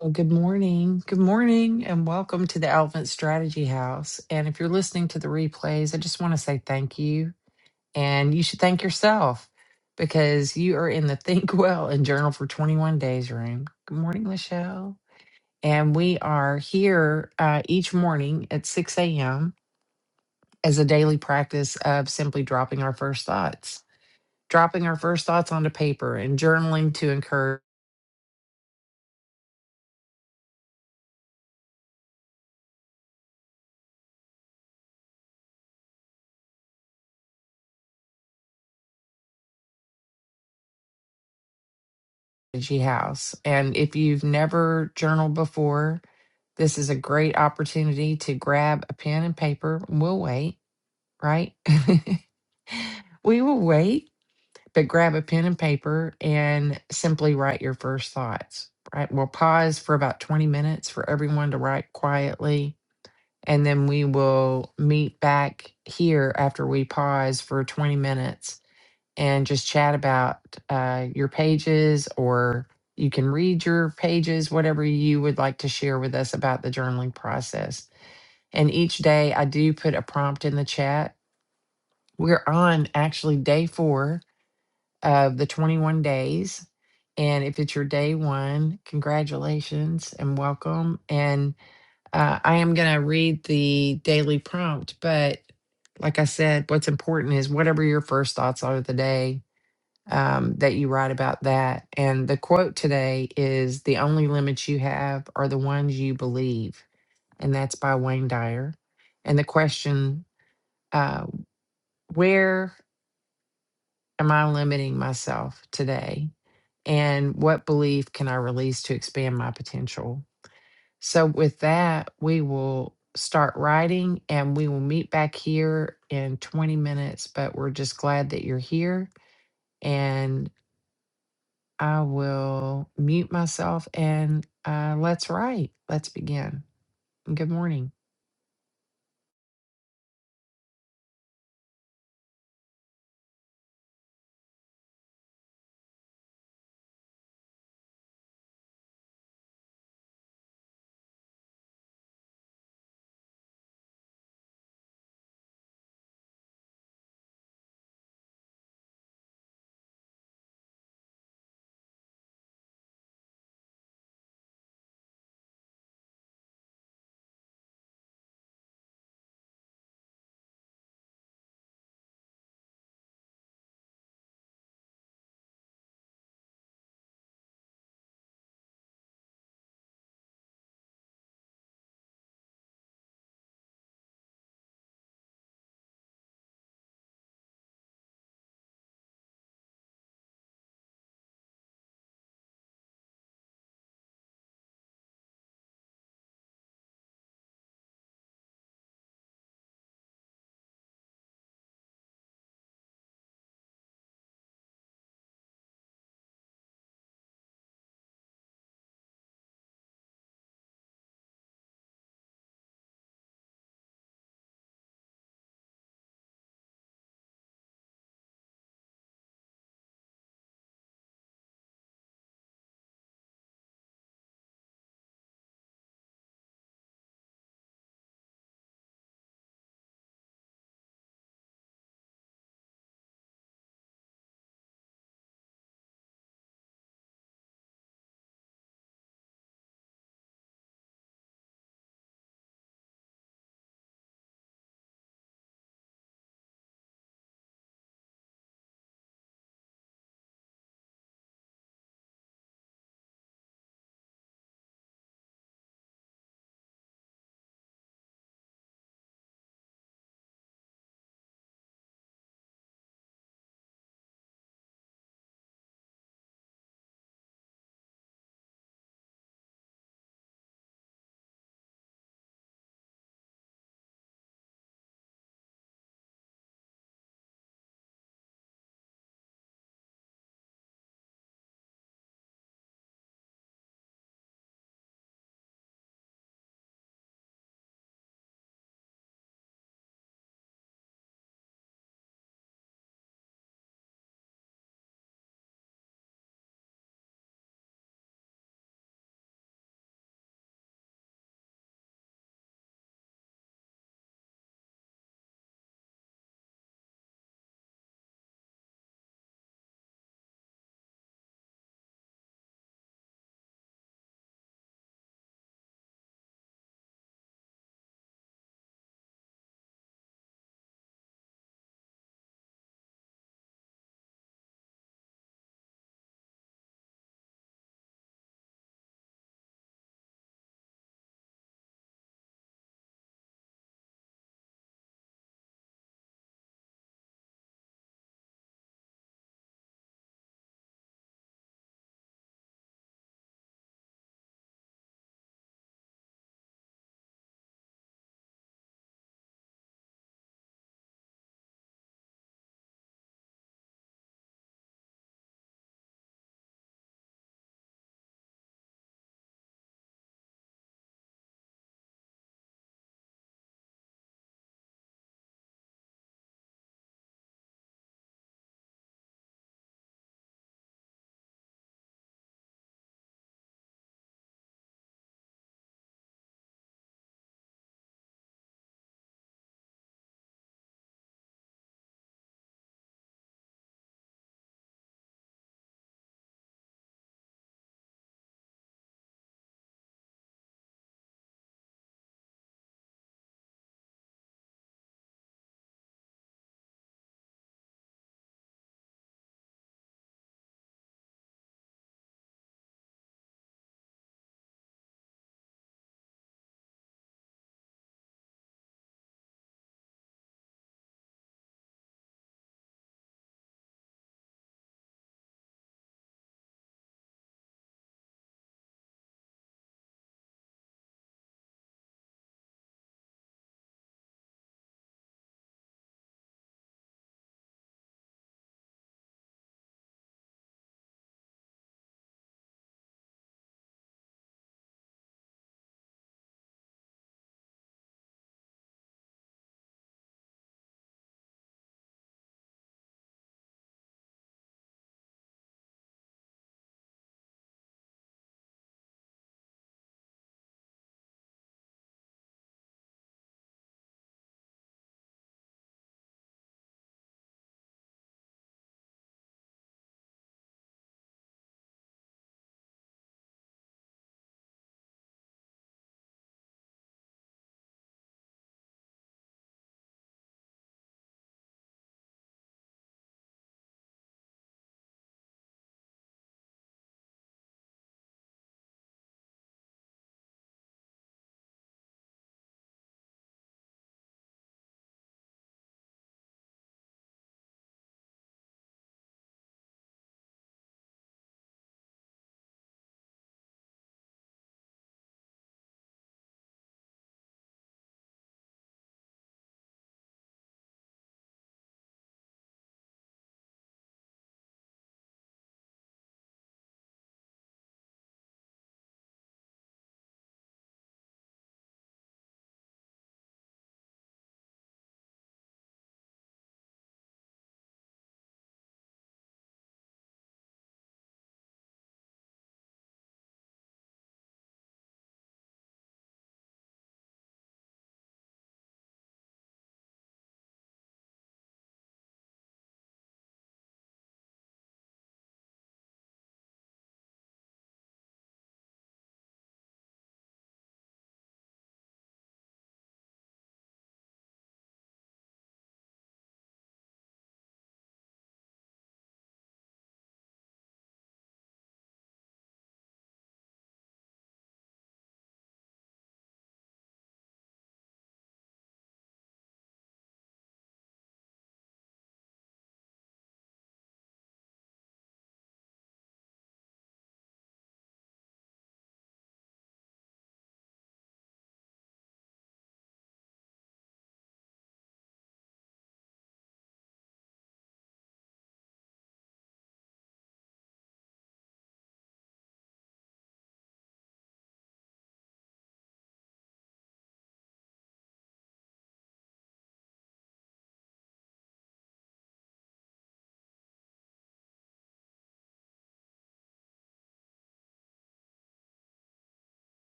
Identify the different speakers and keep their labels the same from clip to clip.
Speaker 1: Well, good morning. Good morning, and welcome to the Elephant Strategy House. And if you're listening to the replays, I just want to say thank you. And you should thank yourself because you are in the Think Well and Journal for 21 Days room. Good morning, Lachelle. And we are here uh, each morning at 6 a.m. as a daily practice of simply dropping our first thoughts, dropping our first thoughts onto paper and journaling to encourage. Strategy House. And if you've never journaled before, This is a great opportunity to grab a pen and paper. We'll wait, right? we will wait, but grab a pen and paper and simply write your first thoughts, right? We'll pause for about 20 minutes for everyone to write quietly. And then we will meet back here after we pause for 20 minutes and just chat about uh, your pages or you can read your pages, whatever you would like to share with us about the journaling process. And each day I do put a prompt in the chat. We're on actually day four of the 21 days. And if it's your day one, congratulations and welcome. And uh, I am going to read the daily prompt. But like I said, what's important is whatever your first thoughts are of the day, um, that you write about that. And the quote today is The only limits you have are the ones you believe. And that's by Wayne Dyer. And the question uh, where am I limiting myself today? And what belief can I release to expand my potential? So, with that, we will start writing and we will meet back here in 20 minutes. But we're just glad that you're here. And I will mute myself and uh, let's write. Let's begin. Good morning.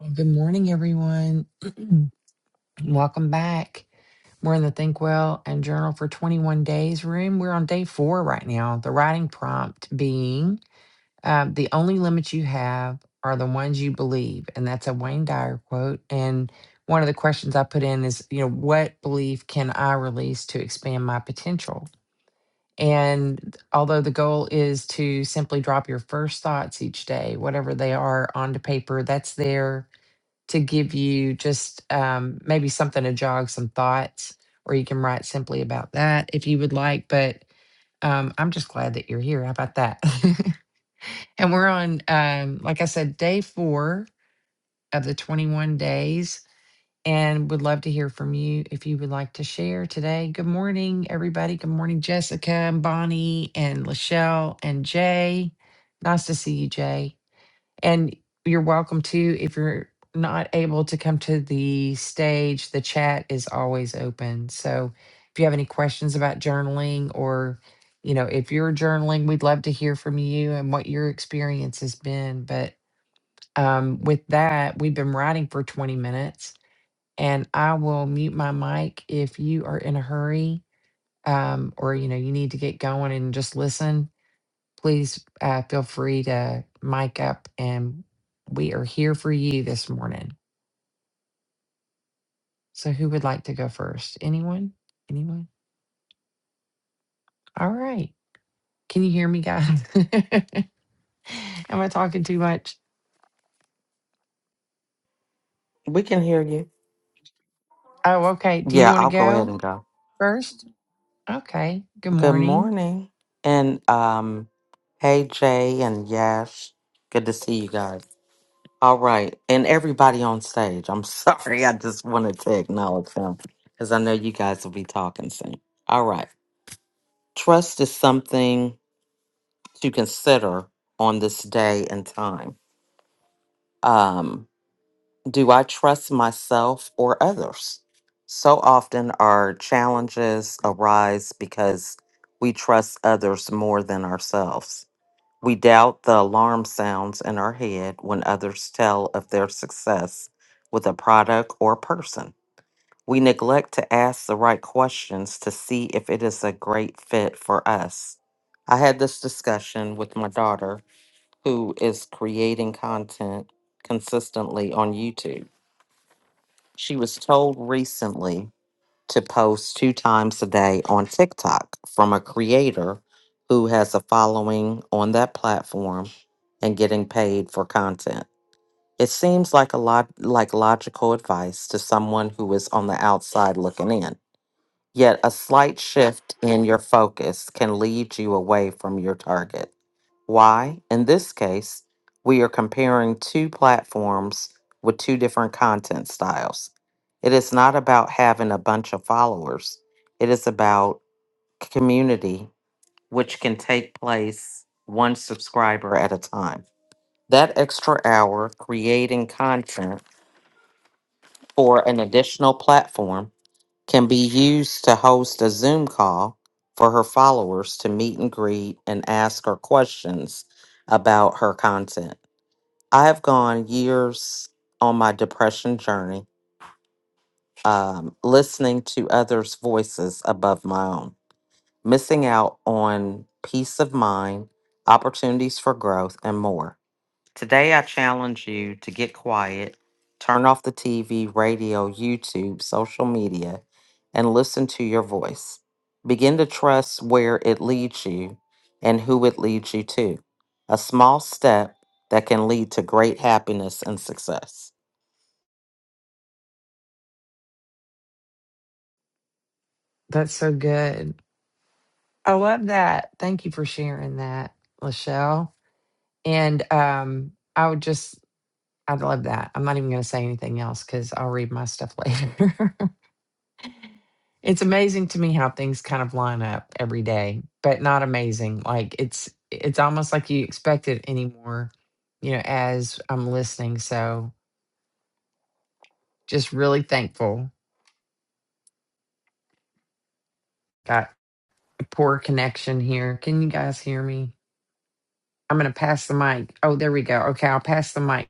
Speaker 1: Well, good morning, everyone. Welcome back. We're in the Think Well and Journal for 21 Days room. We're on day four right now. The writing prompt being um, the only limits you have are the ones you believe. And that's a Wayne Dyer quote. And one of the questions I put in is, you know, what belief can I release to expand my potential? And although the goal is to simply drop your first thoughts each day, whatever they are, onto paper, that's there to give you just um, maybe something to jog some thoughts, or you can write simply about that if you would like. But um, I'm just glad that you're here. How about that? and we're on, um, like I said, day four of the 21 days, and would love to hear from you if you would like to share today. Good morning, everybody. Good morning, Jessica and Bonnie and Lachelle and Jay. Nice to see you, Jay. And you're welcome to, if you're not able to come to the stage, the chat is always open. So if you have any questions about journaling or, you know, if you're journaling, we'd love to hear from you and what your experience has been. But um, with that, we've been writing for 20 minutes and I will mute my mic if you are in a hurry um, or, you know, you need to get going and just listen please uh, feel free to mic up and we are here for you this morning. So, who would like to go first? Anyone? Anyone? All right. Can you hear me, guys? Am I talking too much?
Speaker 2: We can hear you.
Speaker 1: Oh, okay. Do you
Speaker 2: Yeah,
Speaker 1: want to
Speaker 2: I'll go ahead
Speaker 1: go
Speaker 2: and go.
Speaker 1: first? Okay. Good
Speaker 2: Good
Speaker 1: morning.
Speaker 2: morning. And um hey Jay and Yash. Good to see you guys. All right. And everybody on stage. I'm sorry. I just wanted to acknowledge them because I know you guys will be talking soon. All right. Trust is something to consider on this day and time. Um, Do I trust myself or others? So often our challenges arise because we trust others more than ourselves. We doubt the alarm sounds in our head when others tell of their success with a product or person. We neglect to ask the right questions to see if it is a great fit for us. I had this discussion with my daughter, who is creating content consistently on YouTube. She was told recently to post two times a day on TikTok from a creator who has a following on that platform and getting paid for content. It seems like a lot like logical advice to someone who is on the outside looking in. Yet a slight shift in your focus can lead you away from your target. Why? In this case, we are comparing two platforms with two different content styles. It is not about having a bunch of followers, it is about community, which can take place one subscriber at a time. That extra hour creating content for an additional platform can be used to host a Zoom call for her followers to meet and greet and ask her questions about her content. I have gone years on my depression journey, um, listening to others' voices above my own, missing out on peace of mind, opportunities for growth, and more. Today, I challenge you to get quiet, turn off the TV, radio, YouTube, social media, and listen to your voice. Begin to trust where it leads you and who it leads you to. A small step that can lead to great happiness and success.
Speaker 1: That's so good. I love that. Thank you for sharing that, Lachelle. And um, I would just, I love that. I'm not even going to say anything else because I'll read my stuff later. It's amazing to me how things kind of line up every day, but not amazing. Like it's it's almost like you expect it anymore, you know, as I'm listening. So just really thankful. Got a poor connection here. Can you guys hear me? I'm gonna pass the mic. Oh, there we go. Okay, I'll pass the mic.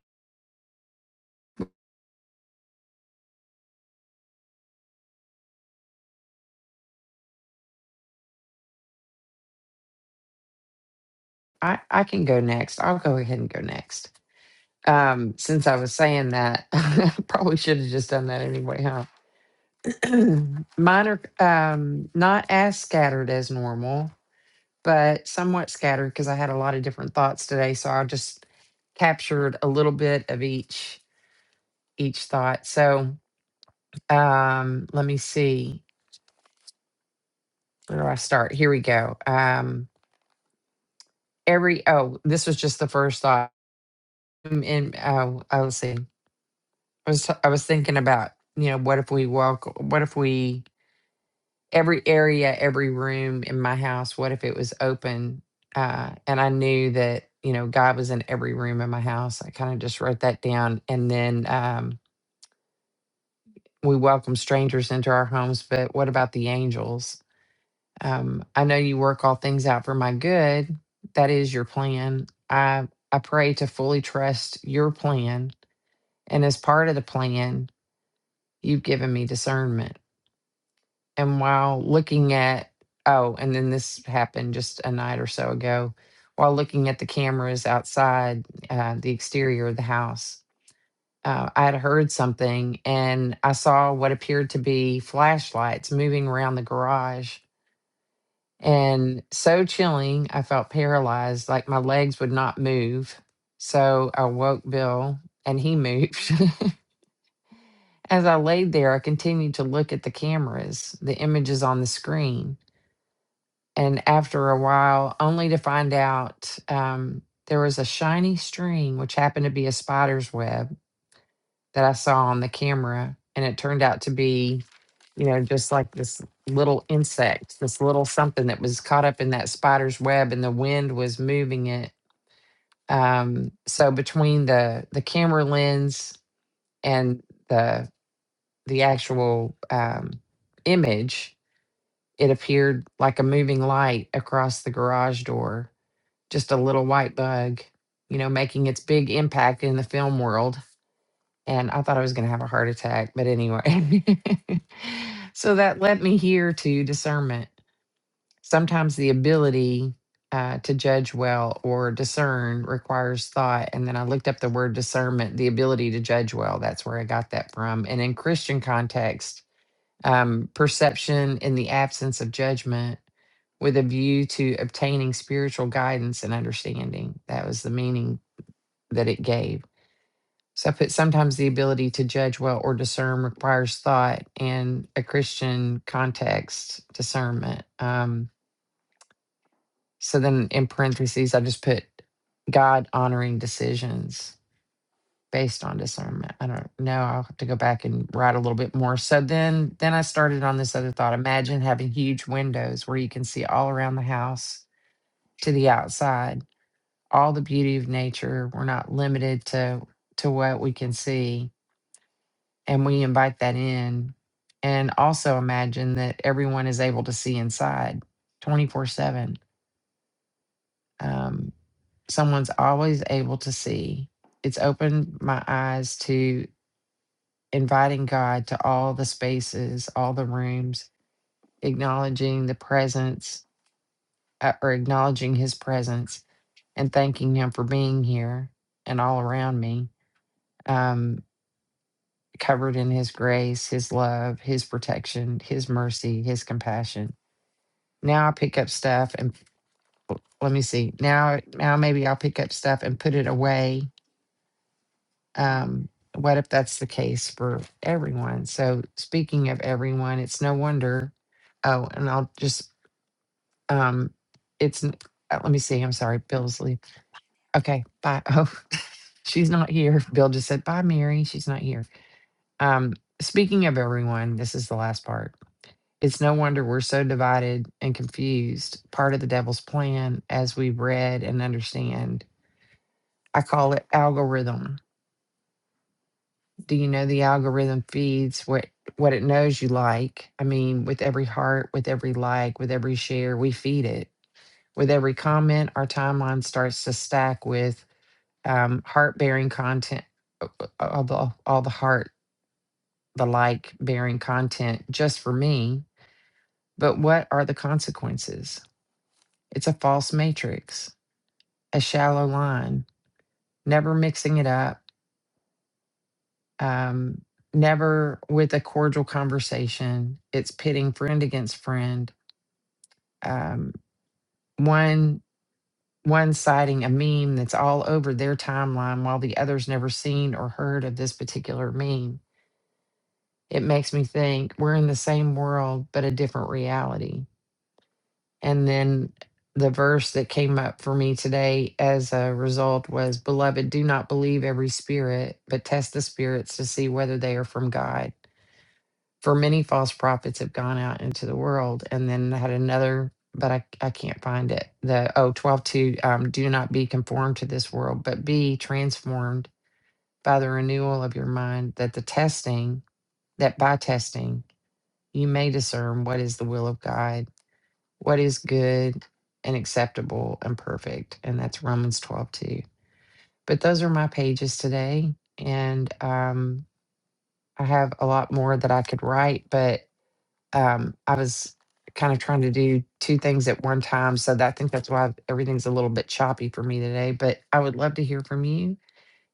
Speaker 1: I, I can go next. I'll go ahead and go next. Um, since I was saying that, I probably should have just done that anyway, huh? Mine are um, not as scattered as normal but somewhat scattered because I had a lot of different thoughts today. So I just captured a little bit of each each thought. So um, let me see. Where do I start? Here we go. Um, every oh, this was just the first thought. Um, And oh, oh, let's see. I was t- I was thinking about you know what if we welcome what if we every area, every room in my house, what if it was open? Uh, and I knew that, you know, God was in every room in my house. I kind of just wrote that down. And then um, we welcome strangers into our homes, but what about the angels? Um, I know you work all things out for my good. That is your plan. I, I pray to fully trust your plan. And as part of the plan, you've given me discernment And while looking at, oh, and then this happened just a night or so ago, while looking at the cameras outside uh, the exterior of the house, uh, I had heard something and I saw what appeared to be flashlights moving around the garage. And so chilling, I felt paralyzed, like my legs would not move. So I woke Bill and he moved. As I laid there, I continued to look at the cameras, the images on the screen. and after a while, only to find out um, there was a shiny string, which happened to be a spider's web that I saw on the camera. And it turned out to be, you know, just like this little insect, this little something that was caught up in that spider's web, and the wind was moving it. Um, so between the the camera lens and the the actual um, image, it appeared like a moving light across the garage door just a little white bug, you know, making its big impact in the film world. And I thought I was going to have a heart attack, but anyway. so that led me here to discernment. Sometimes the ability uh, to judge well or discern requires thought. And then I looked up the word discernment, the ability to judge well. That's where I got that from. And in Christian context, um, perception in the absence of judgment with a view to obtaining spiritual guidance and understanding. That was the meaning that it gave. So I put sometimes the ability to judge well or discern requires thought and a Christian context discernment. Um, so then in parentheses, I just put God honoring decisions based on discernment. I don't know. I'll have to go back and write a little bit more. So then then I started on this other thought. Imagine having huge windows where you can see all around the house to the outside, all the beauty of nature. We're not limited to to what we can see and we invite that in. And also imagine that everyone is able to see inside 24/7. Um someone's always able to see. It's opened my eyes to. inviting God to all the spaces, all the rooms, acknowledging the presence uh, or acknowledging his presence and thanking him for being here and all around me, um, covered in his grace, his love, his protection, his mercy, his compassion. Now I pick up stuff and well, let me see. Now, now maybe I'll pick up stuff and put it away um, what if that's the case for everyone? So, speaking of everyone, it's no wonder. Oh, and I'll just, um, it's, n- uh, let me see. I'm sorry. Bill's leave. Okay. Bye. Oh, she's not here. Bill just said, bye, Mary. She's not here. Um, speaking of everyone, this is the last part. It's no wonder we're so divided and confused, part of the devil's plan, as we read and understand. I call it algorithm do you know the algorithm feeds what what it knows you like i mean with every heart with every like with every share we feed it with every comment our timeline starts to stack with um, heart bearing content uh, uh, all the all the heart the like bearing content just for me but what are the consequences it's a false matrix a shallow line never mixing it up um, never with a cordial conversation. It's pitting friend against friend. Um, one one citing a meme that's all over their timeline, while the others never seen or heard of this particular meme. It makes me think we're in the same world but a different reality. And then the verse that came up for me today as a result was beloved do not believe every spirit but test the spirits to see whether they are from god for many false prophets have gone out into the world and then I had another but I, I can't find it the oh 12 2, um, do not be conformed to this world but be transformed by the renewal of your mind that the testing that by testing you may discern what is the will of god what is good and acceptable and perfect and that's romans 12 2. but those are my pages today and um, i have a lot more that i could write but um, I was kind of trying to do two things at one time. So that, I think that's why everything's a little bit choppy for me today. But I would love to hear from you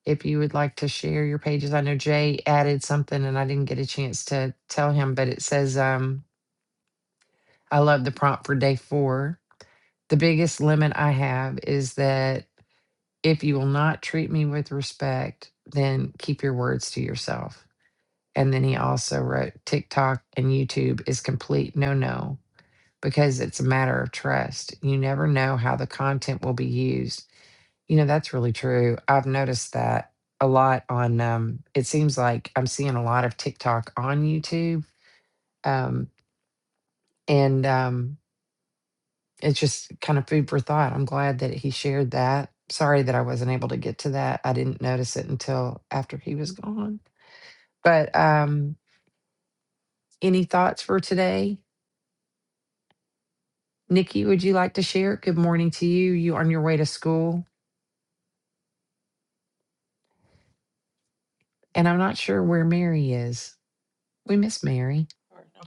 Speaker 1: if you would like to share your pages. I know Jay added something and I didn't get a chance to tell him, but it says, um, I love the prompt for day four. The biggest limit I have is that if you will not treat me with respect, then keep your words to yourself. And then he also wrote TikTok and YouTube is complete no no. because it's a matter of trust. You never know how the content will be used. You know, that's really true. I've noticed that a lot on, um, it seems like I'm seeing a lot of TikTok on YouTube. Um, and um, it's just kind of food for thought. I'm glad that he shared that. Sorry that I wasn't able to get to that. I didn't notice it until after he was gone. But um, any thoughts for today? Nikki, would you like to share? Good morning to you. You on your way to school? and I'm not sure where Mary is. We miss Mary.
Speaker 3: Or, no.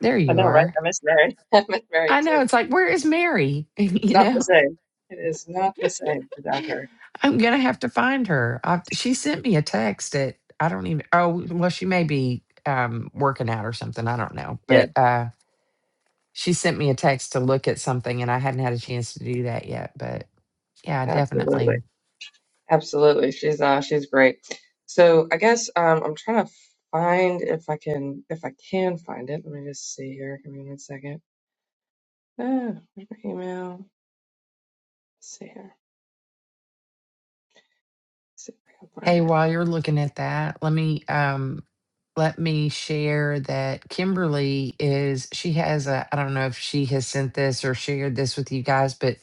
Speaker 1: There
Speaker 3: I
Speaker 1: you
Speaker 3: know, right?
Speaker 1: are.
Speaker 3: I miss Mary. I miss Mary
Speaker 1: I
Speaker 3: too.
Speaker 1: know. It's like, where is Mary?
Speaker 3: It's
Speaker 1: you
Speaker 3: not the
Speaker 1: know,
Speaker 3: same. It is not the same without her.
Speaker 1: I'm going to have to find her. i she sent me a text at, I don't even, oh, well, she may be um, working out or something. I don't know.
Speaker 3: Yeah,
Speaker 1: But uh, she sent me a text to look at something, and I hadn't had a chance to do that yet. But yeah, definitely.
Speaker 3: absolutely, absolutely. She's uh, she's great. So I guess um, I'm trying to find if I can if I can find it. Let me just see here. Give me one second. Ah, where's my email? Let's see here. Let's see if I can find
Speaker 1: Hey,
Speaker 3: it.
Speaker 1: while you're looking at that, let me um let me share that Kimberly is she has a I don't know if she has sent this or shared this with you guys, but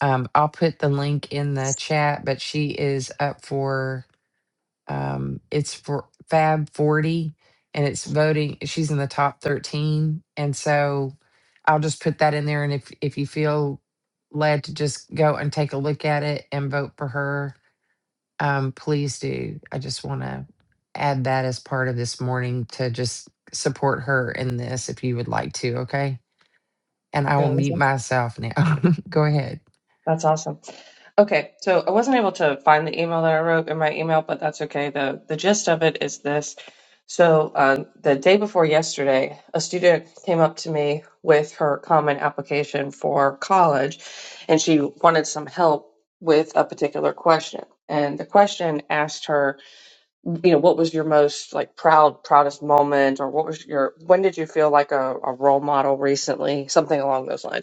Speaker 1: um I'll put the link in the chat, but she is up for um it's for Fab 40 and it's voting she's in the top 13 and so I'll just put that in there and if if you feel led to just go and take a look at it and vote for her um, please do. I just want to add that as part of this morning to just support her in this if you would like to, okay? And I will
Speaker 3: Yeah, that's,
Speaker 1: mute myself now. Go ahead.
Speaker 3: that's awesome. Okay, so I wasn't able to find the email that I wrote in my email, but that's okay. The the gist of it is this. So um, the day before yesterday, a student came up to me with her common application for college, and she wanted some help with a particular question. And the question asked her, you know, what was your most like proud, proudest moment, or what was your, when did you feel like a, a role model recently? Something along those lines.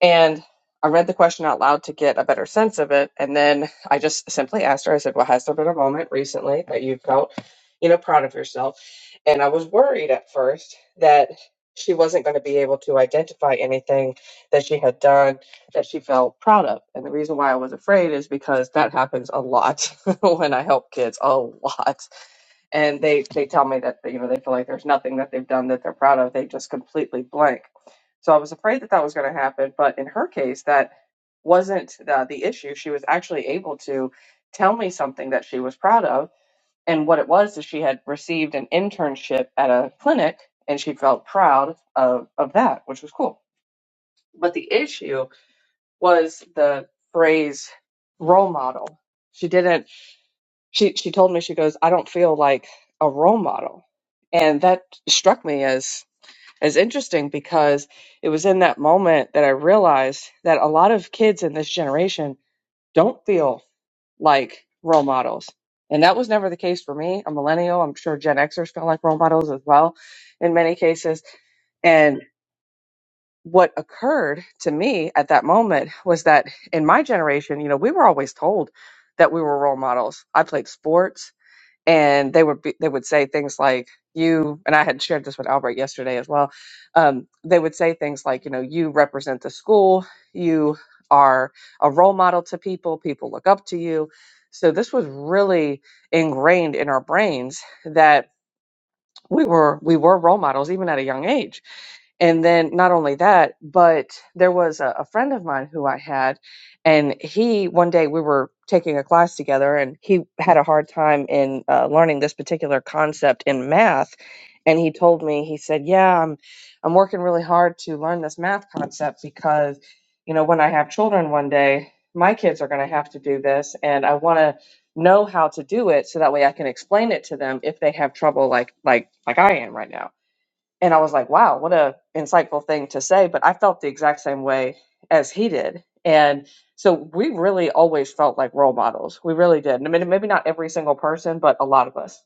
Speaker 3: And I read the question out loud to get a better sense of it. And then I just simply asked her, I said, Well, has there been a moment recently that you felt, you know, proud of yourself? And I was worried at first that she wasn't going to be able to identify anything that she had done that she felt proud of. And the reason why I was afraid is because that happens a lot when I help kids, a lot and they they tell me that you know they feel like there's nothing that they've done that they're proud of they just completely blank so i was afraid that that was going to happen but in her case that wasn't the, the issue she was actually able to tell me something that she was proud of and what it was is she had received an internship at a clinic and she felt proud of, of that which was cool but the issue was the phrase role model she didn't she she told me she goes i don't feel like a role model and that struck me as as interesting because it was in that moment that i realized that a lot of kids in this generation don't feel like role models and that was never the case for me a millennial i'm sure gen xers feel like role models as well in many cases and what occurred to me at that moment was that in my generation you know we were always told that we were role models i played sports and they would be, they would say things like you and I had shared this with Albert yesterday as well. Um, they would say things like, you know, you represent the school, you are a role model to people, people look up to you. So this was really ingrained in our brains that we were we were role models even at a young age and then not only that but there was a, a friend of mine who i had and he one day we were taking a class together and he had a hard time in uh, learning this particular concept in math and he told me he said yeah i'm i'm working really hard to learn this math concept because you know when i have children one day my kids are going to have to do this and i want to know how to do it so that way I can explain it to them if they have trouble like like like I am right now. And I was like, wow, what a insightful thing to say, but I felt the exact same way as he did. And so we really always felt like role models. We really did. And I mean, maybe not every single person, but a lot of us.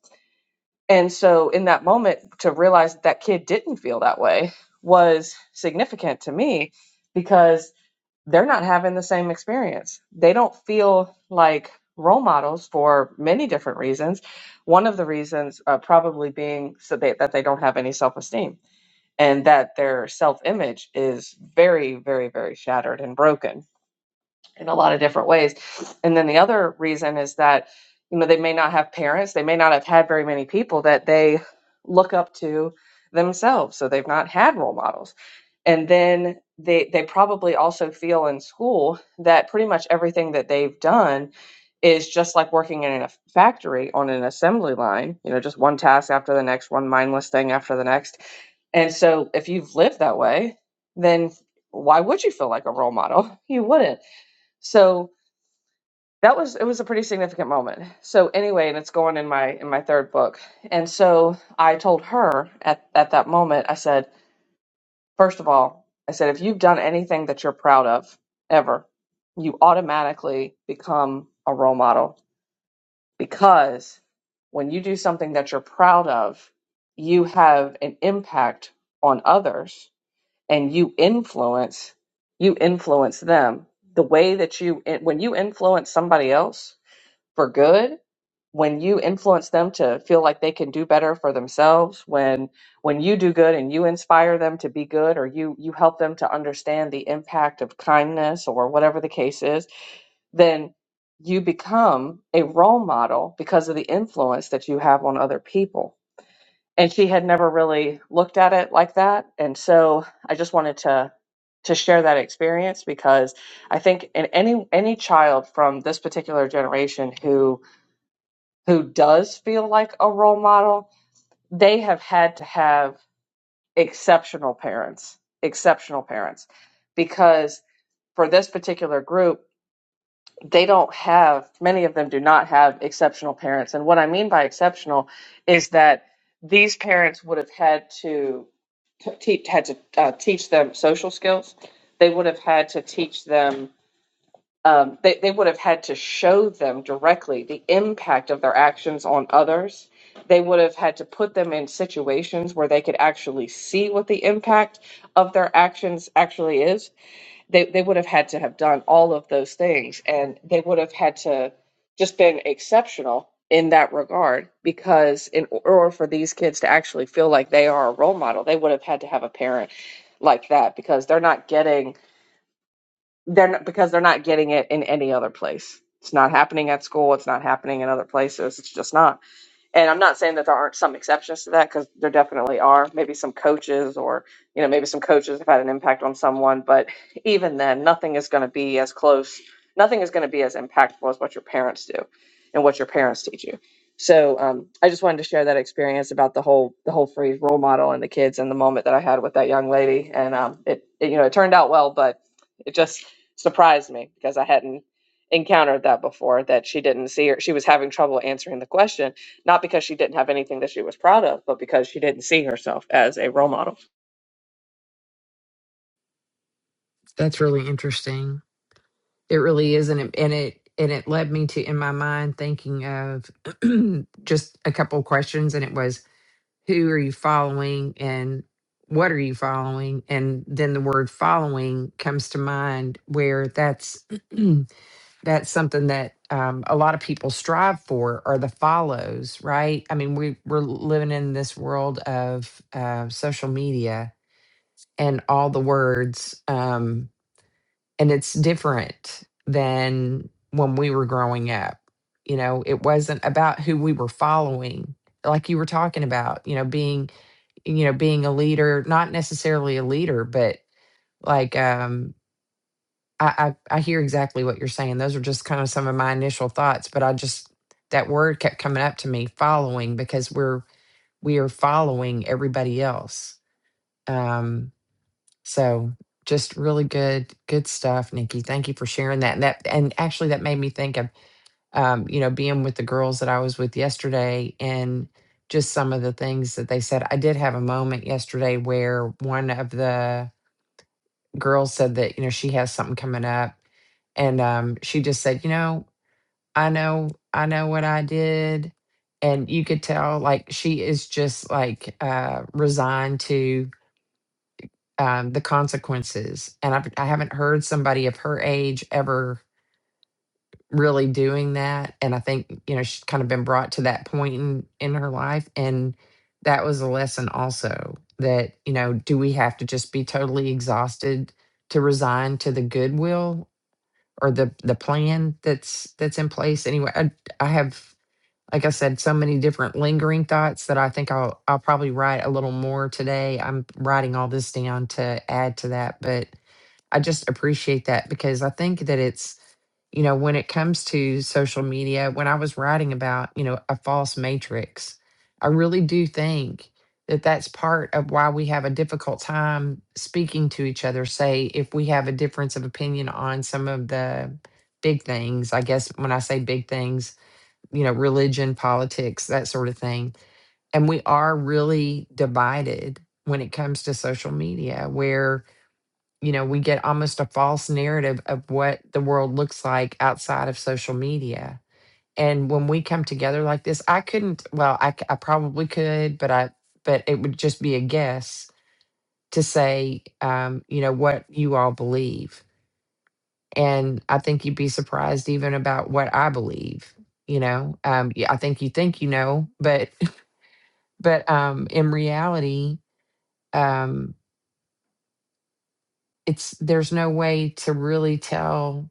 Speaker 3: And so in that moment to realize that, that kid didn't feel that way was significant to me because they're not having the same experience. They don't feel like role models for many different reasons. One of the reasons uh, probably being so they, that they don't have any self esteem and that their self image is very, very, very shattered and broken in a lot of different ways. And then the other reason is that, you know, they may not have parents, they may not have had very many people that they look up to themselves. So they've not had role models. And then they they probably also feel in school that pretty much everything that they've done is just like working in a factory on an assembly line, you know, just one task after the next, one mindless thing after the next. And so if you've lived that way, then why would you feel like a role model? You wouldn't. So that was it was a pretty significant moment. So anyway, and it's going in my in my third book. And so I told her at at that moment, I said, first of all, I said if you've done anything that you're proud of ever, you automatically become a role model because when you do something that you're proud of, you have an impact on others and you influence you influence them the way that you when you influence somebody else for good when you influence them to feel like they can do better for themselves when when you do good and you inspire them to be good or you you help them to understand the impact of kindness or whatever the case is then you become a role model because of the influence that you have on other people and she had never really looked at it like that and so i just wanted to to share that experience because i think in any any child from this particular generation who who does feel like a role model, they have had to have exceptional parents, exceptional parents, because for this particular group, they don't have, many of them do not have exceptional parents. And what I mean by exceptional is that these parents would have had to t- teach, had to uh, teach them social skills. They would have had to teach them um, they, they would have had to show them directly the impact of their actions on others. They would have had to put them in situations where they could actually see what the impact of their actions actually is. They, they would have had to have done all of those things, and they would have had to just been exceptional in that regard because in order for these kids to actually feel like they are a role model, they would have had to have a parent like that because they're not getting they're not, because they're not getting it in any other place. It's not happening at school. It's not happening in other places. It's just not. And I'm not saying that there aren't some exceptions to that because there definitely are. Maybe some coaches, or you know, maybe some coaches have had an impact on someone. But even then, nothing is going to be as close. Nothing is going to be as impactful as what your parents do, and what your parents teach you. So um, I just wanted to share that experience about the whole the whole phrase role model and the kids and the moment that I had with that young lady. And um, it, it you know it turned out well, but it just surprised me because I hadn't encountered that before. That she didn't see her. She was having trouble answering the question not because she didn't have anything that she was proud of, but because she didn't see herself as a role model.
Speaker 1: That's really interesting. It really is and it and it and it led me to in my mind thinking of just a couple of questions and it was who are you following and what are you following and then the word following comes to mind where that's that's something that um, a lot of people strive for are the follows right i mean we, we're living in this world of uh, social media and all the words um, and it's different than when we were growing up you know it wasn't about who we were following like you were talking about you know being you know being a leader not necessarily a leader but like um, I, I I hear exactly what you're saying. Those are just kind of some of my initial thoughts, but I just that word kept coming up to me, following, because we're we are following everybody else. Um, so just really good good stuff, Nikki. Thank you for sharing that. And that and actually that made me think of um, you know, being with the girls that I was with yesterday and just some of the things that they said. I did have a moment yesterday where one of the girl said that, you know, she has something coming up. And um, she just said, you know, I know, I know what I did. And you could tell, like, she is just like uh, resigned to um, the consequences. And I've, I haven't heard somebody of her age ever really doing that. And I think, you know, she's kind of been brought to that point in, in her life. And that was a lesson also that, you know, do we have to just be totally exhausted to resign to the goodwill or the the plan that's that's in place anyway i, I have like i said so many different lingering thoughts that i think i'll i'll probably write a little more today i'm writing all this down to add to that but I just appreciate that because I think that it's, you know, when it comes to social media, when I was writing about, you know, a false matrix, I really do think that that's part of why we have a difficult time speaking to each other. Say, if we have a difference of opinion on some of the big things, I guess when I say big things, you know, religion, politics, that sort of thing. And we are really divided when it comes to social media, where you know, we get almost a false narrative of what the world looks like outside of social media. And when we come together like this, I couldn't, well, I, c- I probably could, but I, but it would just be a guess to say, um, you know, what you all believe. And I think you'd be surprised even about what I believe, you know, um, yeah, I think you think, you know, but, but, um, in reality, um, it's, there's no way to really tell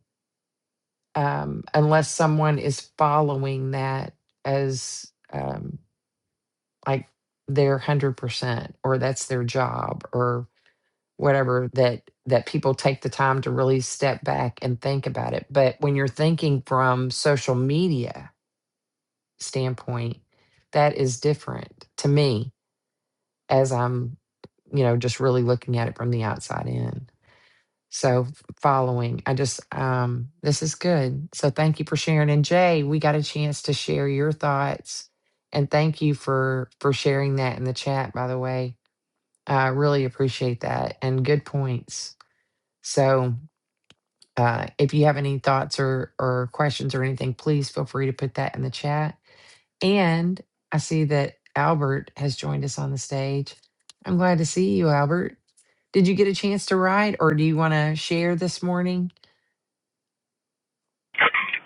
Speaker 1: um, unless someone is following that as um, like their hundred percent or that's their job or whatever that that people take the time to really step back and think about it but when you're thinking from social media standpoint that is different to me as i'm you know just really looking at it from the outside in So following, I just um this is good. So thank you for sharing. And Jay, we got a chance to share your thoughts. And thank you for for sharing that in the chat, by the way. I really appreciate that and good points. So uh if you have any thoughts or or questions or anything, please feel free to put that in the chat. And I see that Albert has joined us on the stage. I'm glad to see you, Albert. Did you get a chance to ride or do you want to share this morning?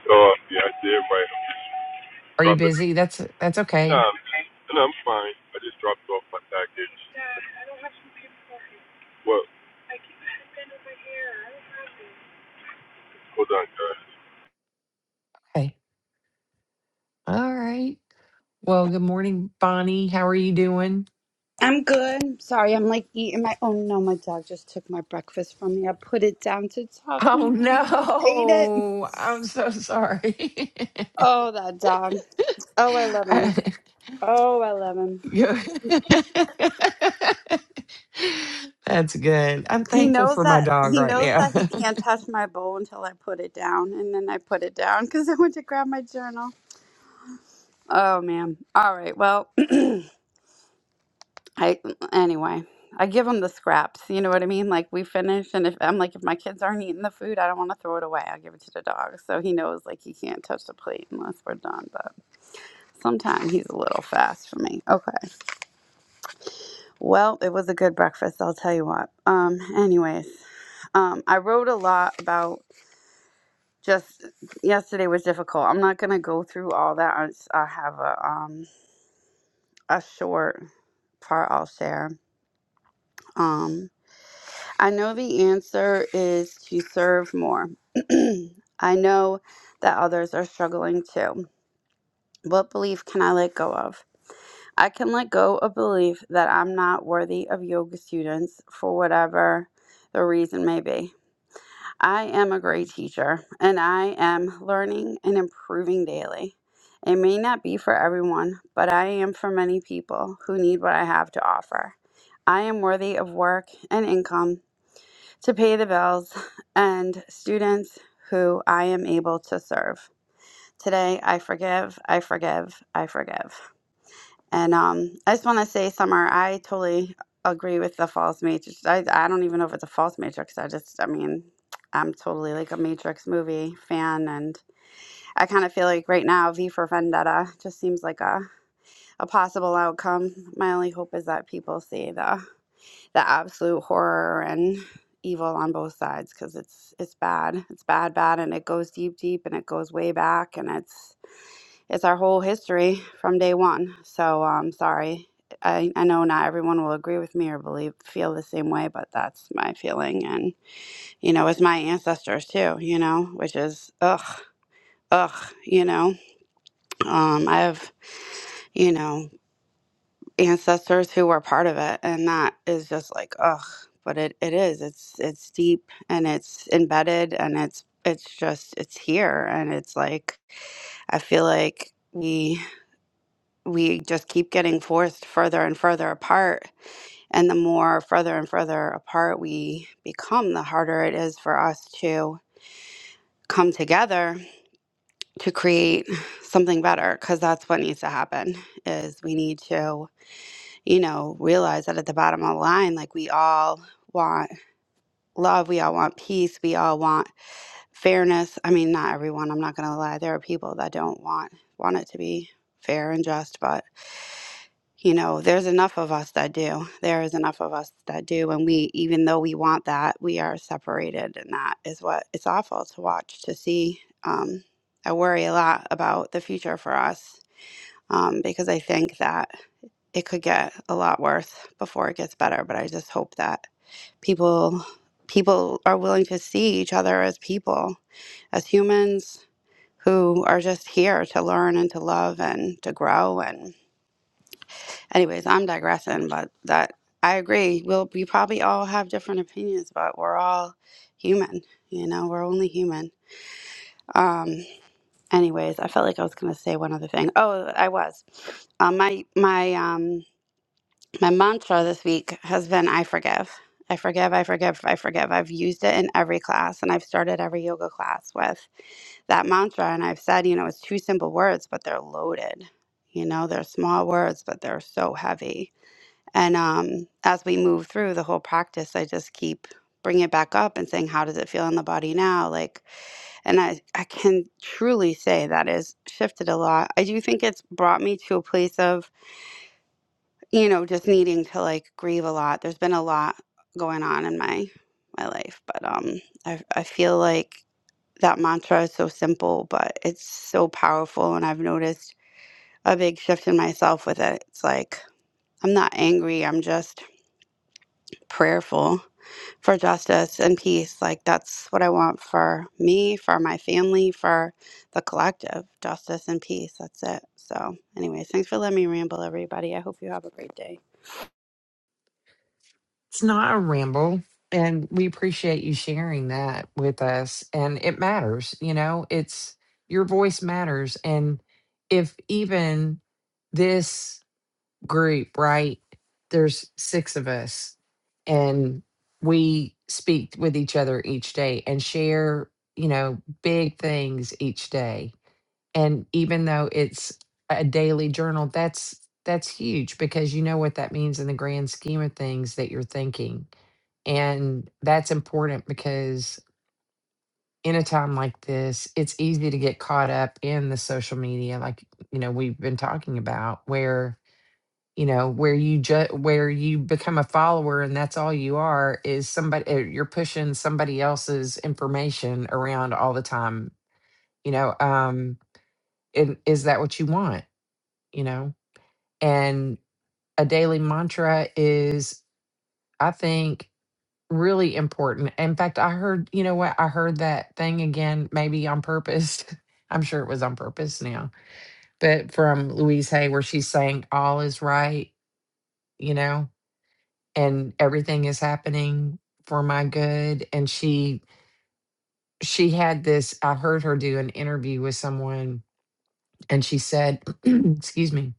Speaker 4: Oh, yeah, I did write them.
Speaker 1: Are you
Speaker 4: Dropping. it.
Speaker 1: busy? That's that's okay.
Speaker 4: Nah, I'm, nah, I'm fine. I just dropped off my package. Well, hold on, guys.
Speaker 1: Okay. All right. Well, good morning, Bonnie. How are you doing?
Speaker 5: I'm good. Sorry, I'm like eating my. Oh no, my dog just took my breakfast from me. I put it down to talk.
Speaker 1: Oh
Speaker 5: Now we just ate it.
Speaker 1: no. I'm so sorry.
Speaker 5: Oh, that dog. Oh, I love
Speaker 1: I-
Speaker 5: him. Oh, I love him.
Speaker 1: you- That's good. I'm
Speaker 5: He
Speaker 1: thankful
Speaker 5: knows
Speaker 1: for my
Speaker 5: that
Speaker 1: dog
Speaker 5: he
Speaker 1: right
Speaker 5: knows
Speaker 1: now.
Speaker 5: that he can't
Speaker 1: it's
Speaker 5: touch my bowl until I put it down, and then I put it down because I went to grab my journal. Oh man. All right. Well. I anyway, I give them the scraps. You know what I mean? Like we finish, and if I'm like, if my kids aren't eating the food, I don't want to throw it away. I give it to the dog, so he knows like he can't touch the plate unless we're done. But sometimes he's a little fast for me. Okay. Well, it was a good breakfast. I'll tell you what. Um. Anyways, um, I wrote a lot about just yesterday was difficult. I'm not gonna go through all that. I, s- I have a um a short part I'll share. Um. I know the answer is to serve more. I know that others are struggling too. What belief can I let go of? I can let go of belief that I'm not worthy of yoga students for whatever the reason may be. I am a great teacher and I am learning and improving daily. It may not be for everyone, but I am for many people who need what I have to offer. I am worthy of work and income to pay the bills and students who I am able to serve. Today, I forgive, I forgive, I forgive. And um, I just want to say, Summer, I totally agree with the false matrix. I, I don't even know if it's a false matrix. I just, I mean, I'm totally like a Matrix movie fan. And I kind of feel like right now, V for Vendetta just seems like a, a possible outcome. My only hope is that people see the the absolute horror and evil on both sides because it's it's bad it's bad bad and it goes deep deep and it goes way back and it's it's our whole history from day one so i um, sorry I, I know not everyone will agree with me or believe feel the same way but that's my feeling and you know it's my ancestors too you know which is ugh ugh you know um i have you know ancestors who were part of it and that is just like ugh but it, it is it's it's deep and it's embedded and it's it's just it's here and it's like i feel like we we just keep getting forced further and further apart and the more further and further apart we become the harder it is for us to come together to create something better because that's what needs to happen is we need to you know, realize that at the bottom of the line, like we all want love, we all want peace, we all want fairness. I mean, not everyone, I'm not going to lie. There are people that don't want want it to be fair and just, but you know, there's enough of us that do. There is enough of us that do and we even though we want that, we are separated and that is what it's awful to watch to see. Um I worry a lot about the future for us um because I think that it could get a lot worse before it gets better but i just hope that people people are willing to see each other as people as humans who are just here to learn and to love and to grow and anyways i'm digressing but that i agree we'll we probably all have different opinions but we're all human you know we're only human um anyways i felt like i was going to say one other thing oh i was um, my my um My mantra this week has been I forgive. I forgive, I forgive, I forgive. I've used it in every class and I've started every yoga class with that mantra. And I've said, you know, it's two simple words, but they're loaded. You know, they're small words, but they're so heavy. And um, as we move through the whole practice, I just keep bringing it back up and saying, how does it feel in the body now? Like, and I, I can truly say that has shifted a lot. I do think it's brought me to a place of you know, just needing to like grieve a lot. There's been a lot going on in my my life, but um I I feel like that mantra is so simple, but it's so powerful and I've noticed a big shift in myself with it. It's like I'm not angry, I'm just prayerful for justice and peace. Like that's what I want for me, for my family, for the collective. Justice and peace. That's it. So, anyways, thanks for letting me ramble everybody. I hope you have a great day.
Speaker 1: not a ramble. And we appreciate you sharing that with us. And it matters, you know, it's your voice matters. And if even this group, right? There's six of us, and we speak with each other each day and share, you know, big things each day. And even though it's a daily journal, that's that's huge because you know what that means in the grand scheme of things that you're thinking. And that's important because in a time like this, it's easy to get caught up in the social media, like, you know, we've been talking about, where you know where you just where you become a follower and that's all you are is somebody uh, you're pushing somebody else's information around all the time you know um and is that what you want you know and a daily mantra is i think really important in fact i heard you know what i heard that thing again maybe on purpose i'm sure it was on purpose now but from louise hay where she's saying all is right you know and everything is happening for my good and she she had this i heard her do an interview with someone and she said excuse me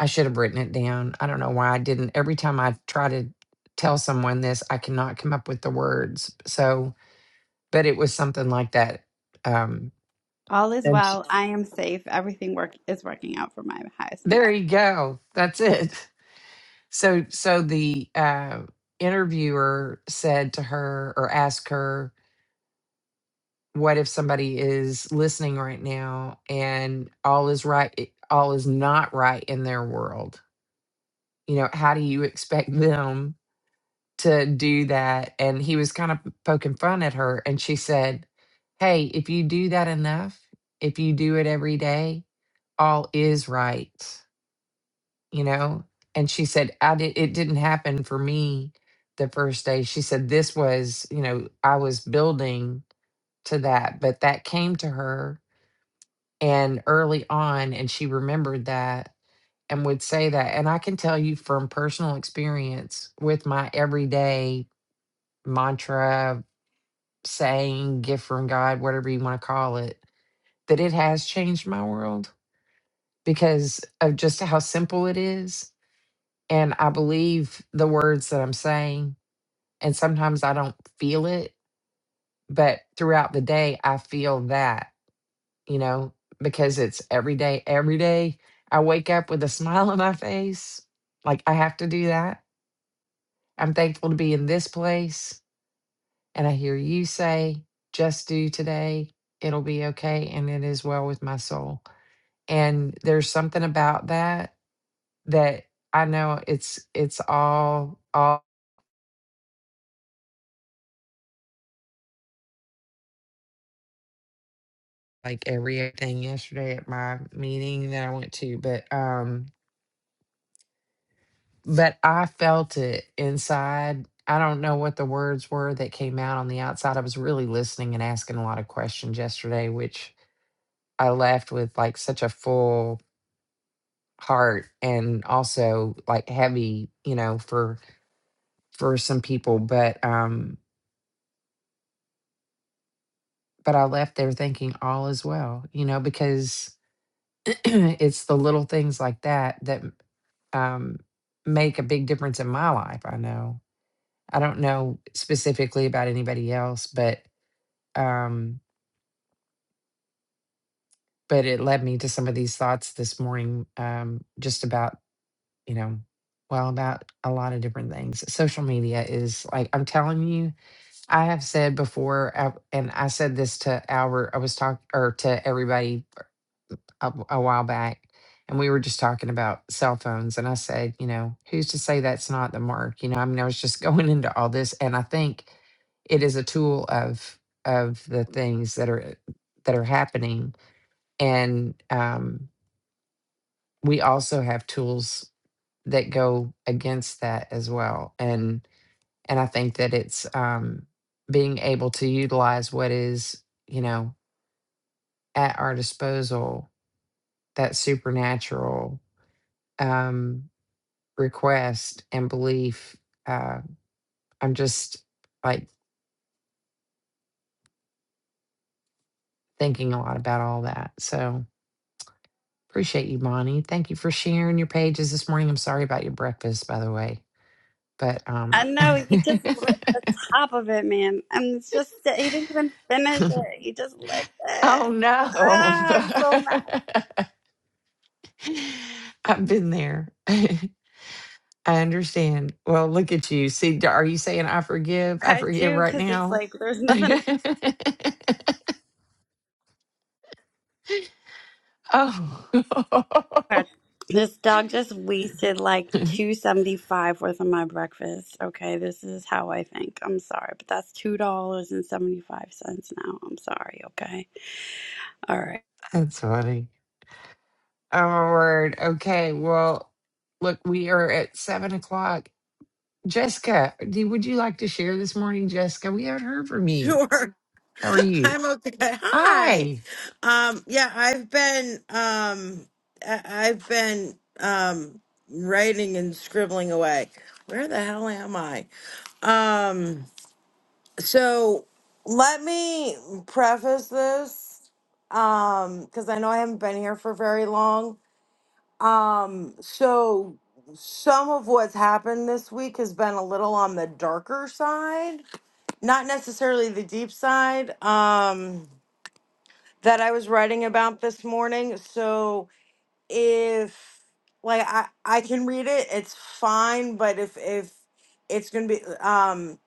Speaker 1: i should have written it down i don't know why i didn't every time i try to tell someone this i cannot come up with the words so but it was something like that um
Speaker 5: All is
Speaker 1: and she,
Speaker 5: well. I am safe. Everything work is working out for my highest and
Speaker 1: there
Speaker 5: best.
Speaker 1: you go that's it so so the uh interviewer said to her or asked her what if somebody is listening right now and all is right i- all is not right in their world you know how do you expect them to do that and he was kind of poking fun at her and she said hey if you do that enough if you do it every day all is right you know and she said i did it didn't happen for me the first day she said this was you know i was building to that but that came to her and early on and she remembered that and would say that and i can tell you from personal experience with my everyday mantra saying gift from god whatever you want to call it that it has changed my world because of just how simple it is and i believe the words that i'm saying and sometimes i don't feel it but throughout the day i feel that you know, because it's every day, every day I wake up with a smile on my face. Like I have to do that. I'm thankful to be in this place. And I hear you say, just do today. It'll be okay. And it is well with my soul. And there's something about that that I know it's, it's all, all like everything yesterday at my meeting that I went to, but, um, but I felt it inside. I don't know what the words were that came out on the outside. I was really listening and asking a lot of questions yesterday, which I left with like such a full heart and also like heavy, you know, for for some people, but um but I left there thinking all is well, you know, because it's the little things like that that um make a big difference in my life, I know. I don't know specifically about anybody else, but um, but it led me to some of these thoughts this morning um, just about you know well about a lot of different things social media is like i'm telling you i have said before I- and i said this to albert i was talking or to everybody a, a while back and we were just talking about cell phones and i said you know who's to say that's not the mark you know i mean i was just going into all this and i think it is a tool of of the things that are that are happening And um, we also have tools that go against that as well. And and I think that it's um, being able to utilize what is you know at our disposal that supernatural um, request and belief. Uh, I'm just like thinking a lot about all that. So appreciate you, Bonnie. Thank you for sharing your pages this morning. I'm sorry about your breakfast, by the way but
Speaker 5: I
Speaker 1: um
Speaker 5: know he just licked the top of it, man. And it's just he didn't even finish it. He just licked
Speaker 1: Oh
Speaker 5: it.
Speaker 1: no.
Speaker 5: Ah, I'm so mad.
Speaker 1: I've been there. I understand. Well, look at you. See, d- are you saying I forgive? I
Speaker 5: I
Speaker 1: forgive
Speaker 5: do
Speaker 1: right
Speaker 5: because it's
Speaker 1: now.
Speaker 5: like there's nothing.
Speaker 1: oh,
Speaker 5: This dog just wasted like
Speaker 1: that's
Speaker 5: two seventy five worth of my breakfast. Okay, this is how I think. I'm sorry, but that's two dollars and seventy five cents now. I'm sorry. Okay, all right.
Speaker 1: funny. Oh, my word. Okay. Well, look, we are at seven o'clock. Jessica, do, would you like to share this morning, Jessica? We haven't heard from you.
Speaker 6: Sure.
Speaker 1: How are you?
Speaker 6: I'm okay. Hi.
Speaker 1: Hi.
Speaker 6: Um, yeah, I've been um I- I've been um writing and scribbling away. Where the hell am I? Um, so let me preface this um because I know I haven't been here for very long. Um, so some of what's happened this week has been a little on the darker side not necessarily the deep side um that I was writing about this morning. So if like I I can read it, it's fine, but if if it's going to be um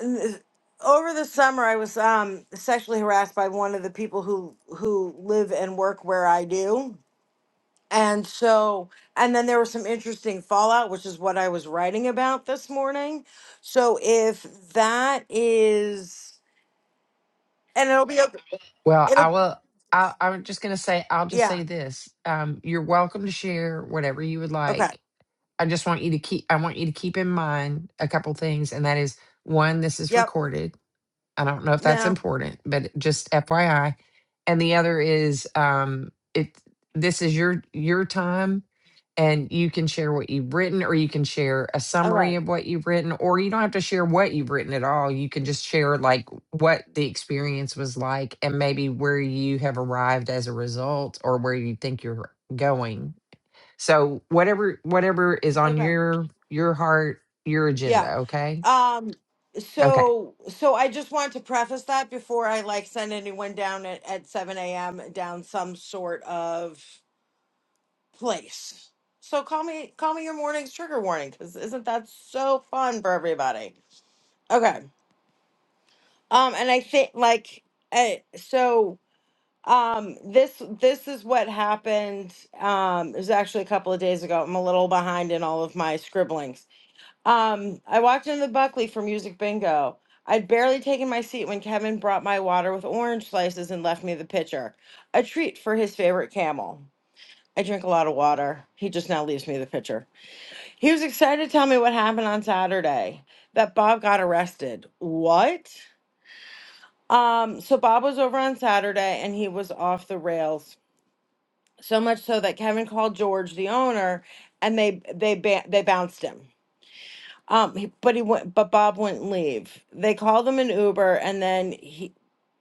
Speaker 6: th- over the summer I was um sexually harassed by one of the people who who live and work where I do. And so and then there was some interesting fallout, which is what I was writing about this morning. So if that is and it'll be okay.
Speaker 1: Well, I
Speaker 6: It'll
Speaker 1: will. I, I'm just going to say, I'll just
Speaker 6: yeah.
Speaker 1: say this. Um, you're welcome to share whatever you would
Speaker 6: Okay.
Speaker 1: like. I just want you to keep, I want you to keep in mind a couple things. And that is one, this is
Speaker 6: Yep.
Speaker 1: recorded. I don't know if that's
Speaker 6: No.
Speaker 1: important, but just FYI. And the other is um it this is your your time and you can share what you've written or you can share a
Speaker 6: Okay.
Speaker 1: summary of what you've written or you don't have to share what you've written at all. You can just share like what the experience was like and maybe where you have arrived as a result or where you think you're going. So whatever whatever is on
Speaker 6: Okay.
Speaker 1: your your heart, your
Speaker 6: Yeah.
Speaker 1: agenda, okay?
Speaker 6: Um
Speaker 1: Okay.
Speaker 6: so so I just want to preface that before I like send anyone down at, at seven AM down some sort of place. So call me call me your morning's trigger warning because isn't that so fun for everybody? Okay. Um and I think like uh, so Um, this this is what happened. Um, it was actually a couple of days ago. I'm a little behind in all of my scribblings. Um, I walked into the Buckley for music bingo. I'd barely taken my seat when Kevin brought my water with orange slices and left me the pitcher. A treat for his favorite camel. I drink a lot of water. He just now leaves me the pitcher. He was excited to tell me what happened on Saturday that Bob got arrested. What? Um, so Bob was over on Saturday and he was off the rails so much so that Kevin called George, the owner, and they they ba- they bounced him. Um, he- but he went, but Bob wouldn't leave. They called him an Uber, and then he,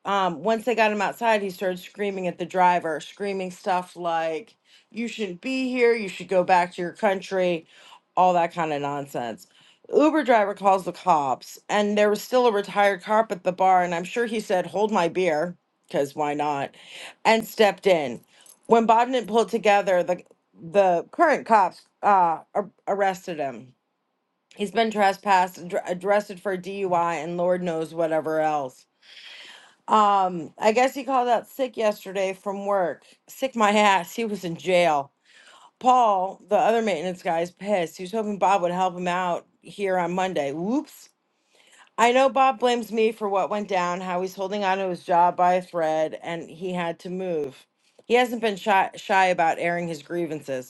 Speaker 6: um, once they got him outside, he started screaming at the driver, screaming stuff like, You shouldn't be here. You should go back to your country. All that kind of nonsense. Uber driver calls the cops, and there was still a retired cop at the bar. And I'm sure he said, Hold my beer, because why not? And stepped in. When did Bodden pulled together, the, the current cops uh, ar- arrested him. He's been trespassed, dr- arrested for DUI, and Lord knows whatever else um, I guess he called out sick yesterday from work. Sick my ass. He was in jail. Paul, the other maintenance guy, is pissed. He was hoping Bob would help him out here on Monday. Whoops. I know Bob blames me for what went down, how he's holding on to his job by a thread, and he had to move. He hasn't been shy, shy about airing his grievances.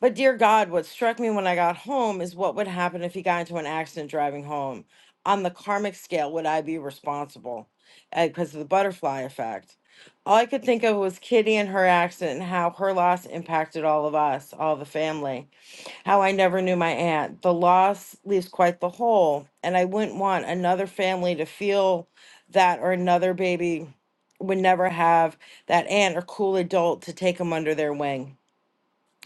Speaker 6: But dear God, what struck me when I got home is what would happen if he got into an accident driving home. On the karmic scale, would I be responsible because of the butterfly effect? All I could think of was Kitty and her accident and how her loss impacted all of us, all the family. How I never knew my aunt. The loss leaves quite the hole, and I wouldn't want another family to feel that or another baby would never have that aunt or cool adult to take them under their wing.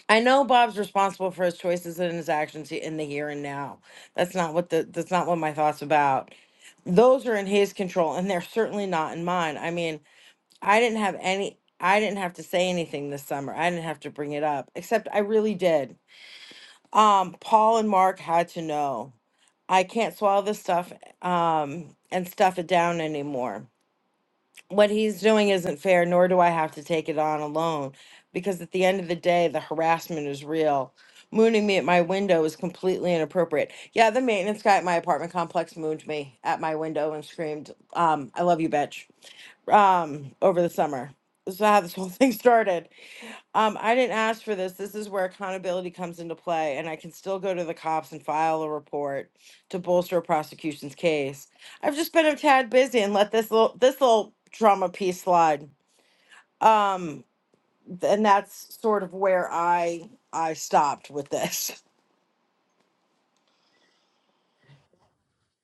Speaker 6: I know Bob's responsible for his choices and his actions he- in the here and now. That's not what the that's not what my thoughts about. Those are in his control and they're certainly not in mine. I mean, I didn't have any I didn't have to say anything this summer. I didn't have to bring it up, except I really did. Um Paul and Mark had to know. I can't swallow this stuff um and stuff it down anymore what he's doing isn't fair, nor do I have to take it on alone, because at the end of the day, the harassment is real. Mooning me at my window is completely inappropriate. Yeah, the maintenance guy at my apartment complex mooned me at my window and screamed, um, I love you, bitch, um, over the summer. This is how this whole thing started. Um, I didn't ask for this. This is where accountability comes into play, and I can still go to the cops and file a report to bolster a prosecution's case. I've just been a tad busy and let this little this little drama piece slide. Um, th- and that's sort of where I I stopped with this.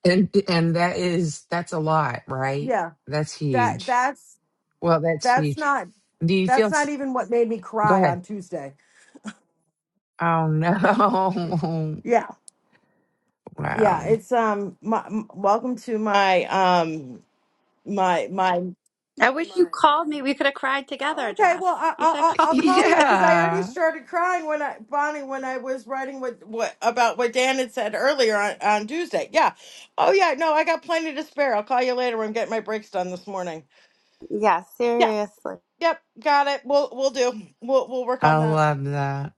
Speaker 1: And and that is that's a lot, right?
Speaker 6: Yeah,
Speaker 1: That's
Speaker 6: that
Speaker 1: huge.
Speaker 6: that's
Speaker 1: Well, that's
Speaker 6: that's
Speaker 1: huge.
Speaker 6: not
Speaker 1: Do you feel?
Speaker 6: that's
Speaker 1: s-
Speaker 6: not even what made me
Speaker 1: Go
Speaker 6: cry
Speaker 1: ahead.
Speaker 6: on Tuesday.
Speaker 1: Oh no!
Speaker 6: Yeah, yeah.
Speaker 1: Wow.
Speaker 6: It's um, my, m- welcome to my um my my
Speaker 5: I wish you called me. We could have cried together,
Speaker 6: Okay,
Speaker 5: Jess.
Speaker 6: well, I,
Speaker 5: You
Speaker 6: I,
Speaker 5: should
Speaker 6: I'll
Speaker 5: have called
Speaker 6: I'll
Speaker 5: me.
Speaker 6: call you because I already
Speaker 1: Yeah,
Speaker 6: started crying when I, Bonnie, when I was writing what, what about what Dan had said earlier on, on Tuesday. Yeah. Oh, yeah. No, I got plenty to spare. I'll call you later when I'm getting my breaks done this morning.
Speaker 5: Yeah,
Speaker 6: Yeah.
Speaker 5: seriously.
Speaker 6: Yep. Got it. We'll, we'll do. We'll, we'll work
Speaker 1: I
Speaker 6: on that.
Speaker 1: love that.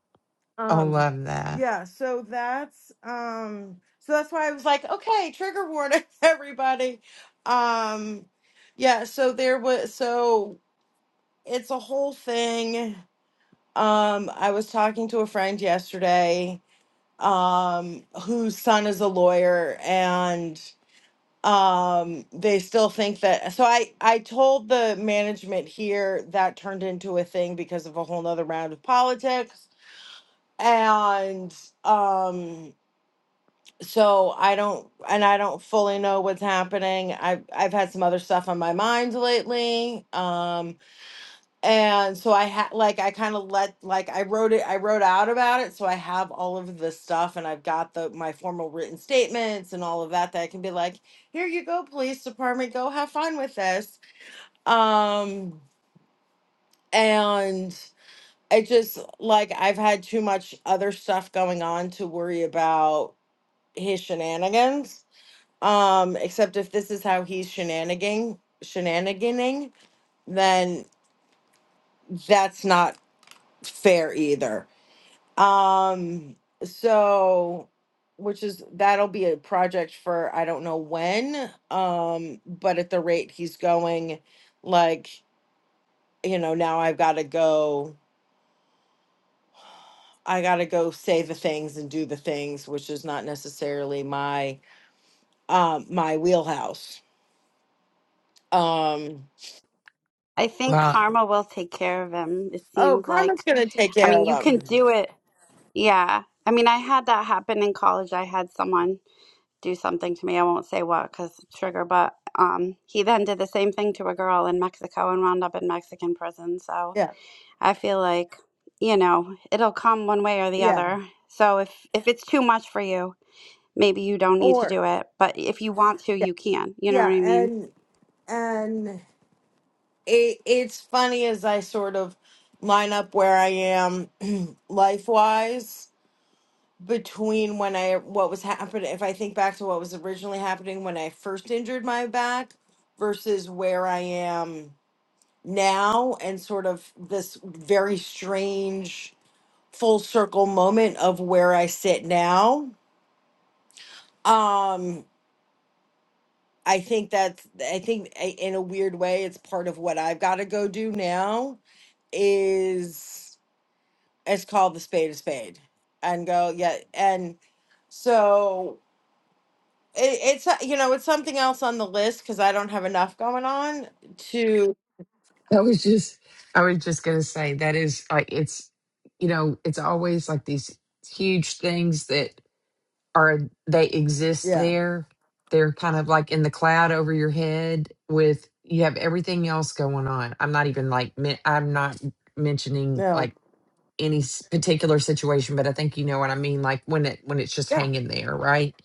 Speaker 1: I
Speaker 6: Um,
Speaker 1: love that.
Speaker 6: yeah. So that's, um, so that's why I was like, okay, trigger warning, everybody. Um, yeah. So there was, so it's a whole thing Um, I was talking to a friend yesterday, um, whose son is a lawyer, and um, they still think that. So I I told the management here that turned into a thing because of a whole nother round of politics, and um, so I don't and I don't fully know what's happening. I've I've had some other stuff on my mind lately. Um, and so i had like i kind of let like i wrote it i wrote out about it so i have all of the stuff and i've got the my formal written statements and all of that that i can be like here you go police department go have fun with this um and i just like i've had too much other stuff going on to worry about his shenanigans um except if this is how he's shenanigan shenaniganing then that's not fair either Um, so which is that'll be a project for I don't know when. Um, but at the rate he's going, like, you know, now I've gotta go I gotta go say the things and do the things, which is not necessarily my um my wheelhouse. Um
Speaker 5: I think
Speaker 1: Well,
Speaker 5: karma will take care of him. It
Speaker 6: oh
Speaker 5: seems
Speaker 6: karma's
Speaker 5: like.
Speaker 6: gonna take
Speaker 5: I
Speaker 6: care
Speaker 5: mean,
Speaker 6: of
Speaker 5: you
Speaker 6: them.
Speaker 5: can do it. Yeah. I mean, I had that happen in college. I had someone do something to me. I won't say what because trigger, but um, he then did the same thing to a girl in Mexico and wound up in Mexican prison. So
Speaker 6: Yeah,
Speaker 5: I feel like, you know, it'll come one way or the
Speaker 6: yeah.
Speaker 5: other. So if if it's too much for you, maybe you don't need to
Speaker 6: Or
Speaker 5: do it, but if you want to,
Speaker 6: yeah,
Speaker 5: you can. You know what
Speaker 6: yeah,
Speaker 5: I mean?
Speaker 6: and and it it's funny as I sort of line up where I am life wise between when I what was happening if I think back to what was originally happening when I first injured my back versus where I am now and sort of this very strange full circle moment of where I sit now. Um I think that's I think I- in a weird way it's part of what I've got to go do now is it's called the spade a spade and go yeah and so it, it's uh, you know it's something else on the list because i don't have enough going on to
Speaker 1: I was just I was just gonna say that is like it's you know it's always like these huge things that. are they exist
Speaker 6: yeah
Speaker 1: there. They're kind of like in the cloud over your head with you have everything else going on. I'm not even like men- I'm not mentioning
Speaker 6: no
Speaker 1: like any s- particular situation, but I think you know what I mean like when it when it's just
Speaker 6: yeah
Speaker 1: hanging there, right?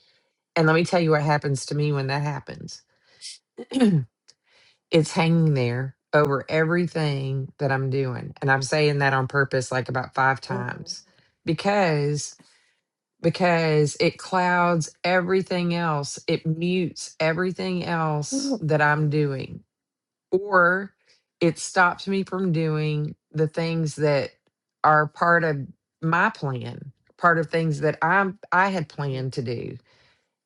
Speaker 1: And let me tell you what happens to me when that happens. it's hanging there over everything that I'm doing. And I'm saying that on purpose like about 5 times
Speaker 6: hmm
Speaker 1: because because it clouds everything else. It mutes everything else that I'm doing, or it stops me from doing the things that are part of my plan, part of things that I'm I had planned to do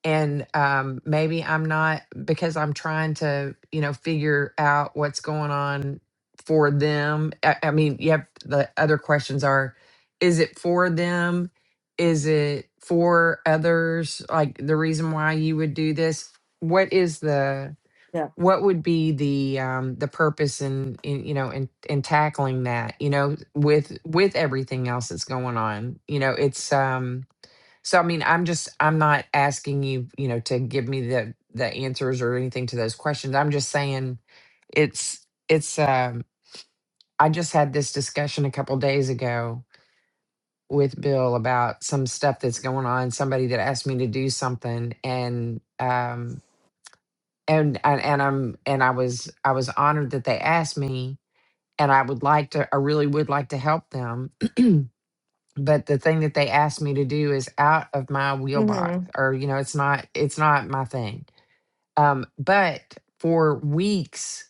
Speaker 1: and um, maybe I'm not because I'm trying to, you know, figure out what's going on for them. I, I mean, you have the other questions are, is it for them? Is it for others? Like the reason why you would do this? What is the
Speaker 6: yeah
Speaker 1: what would be the um the purpose in, in you know in in tackling that you know with with everything else that's going on you know it's um so I mean, I'm just I'm not asking you, you know, to give me the the answers or anything to those questions. I'm just saying it's it's um I just had this discussion a couple days ago with Bill about some stuff that's going on, somebody that asked me to do something and um and and, and I'm and I was I was honored that they asked me and I would like to I really would like to help them but the thing that they asked me to do is out of my wheelbox
Speaker 6: hmm
Speaker 1: or you know it's not it's not my thing um but for weeks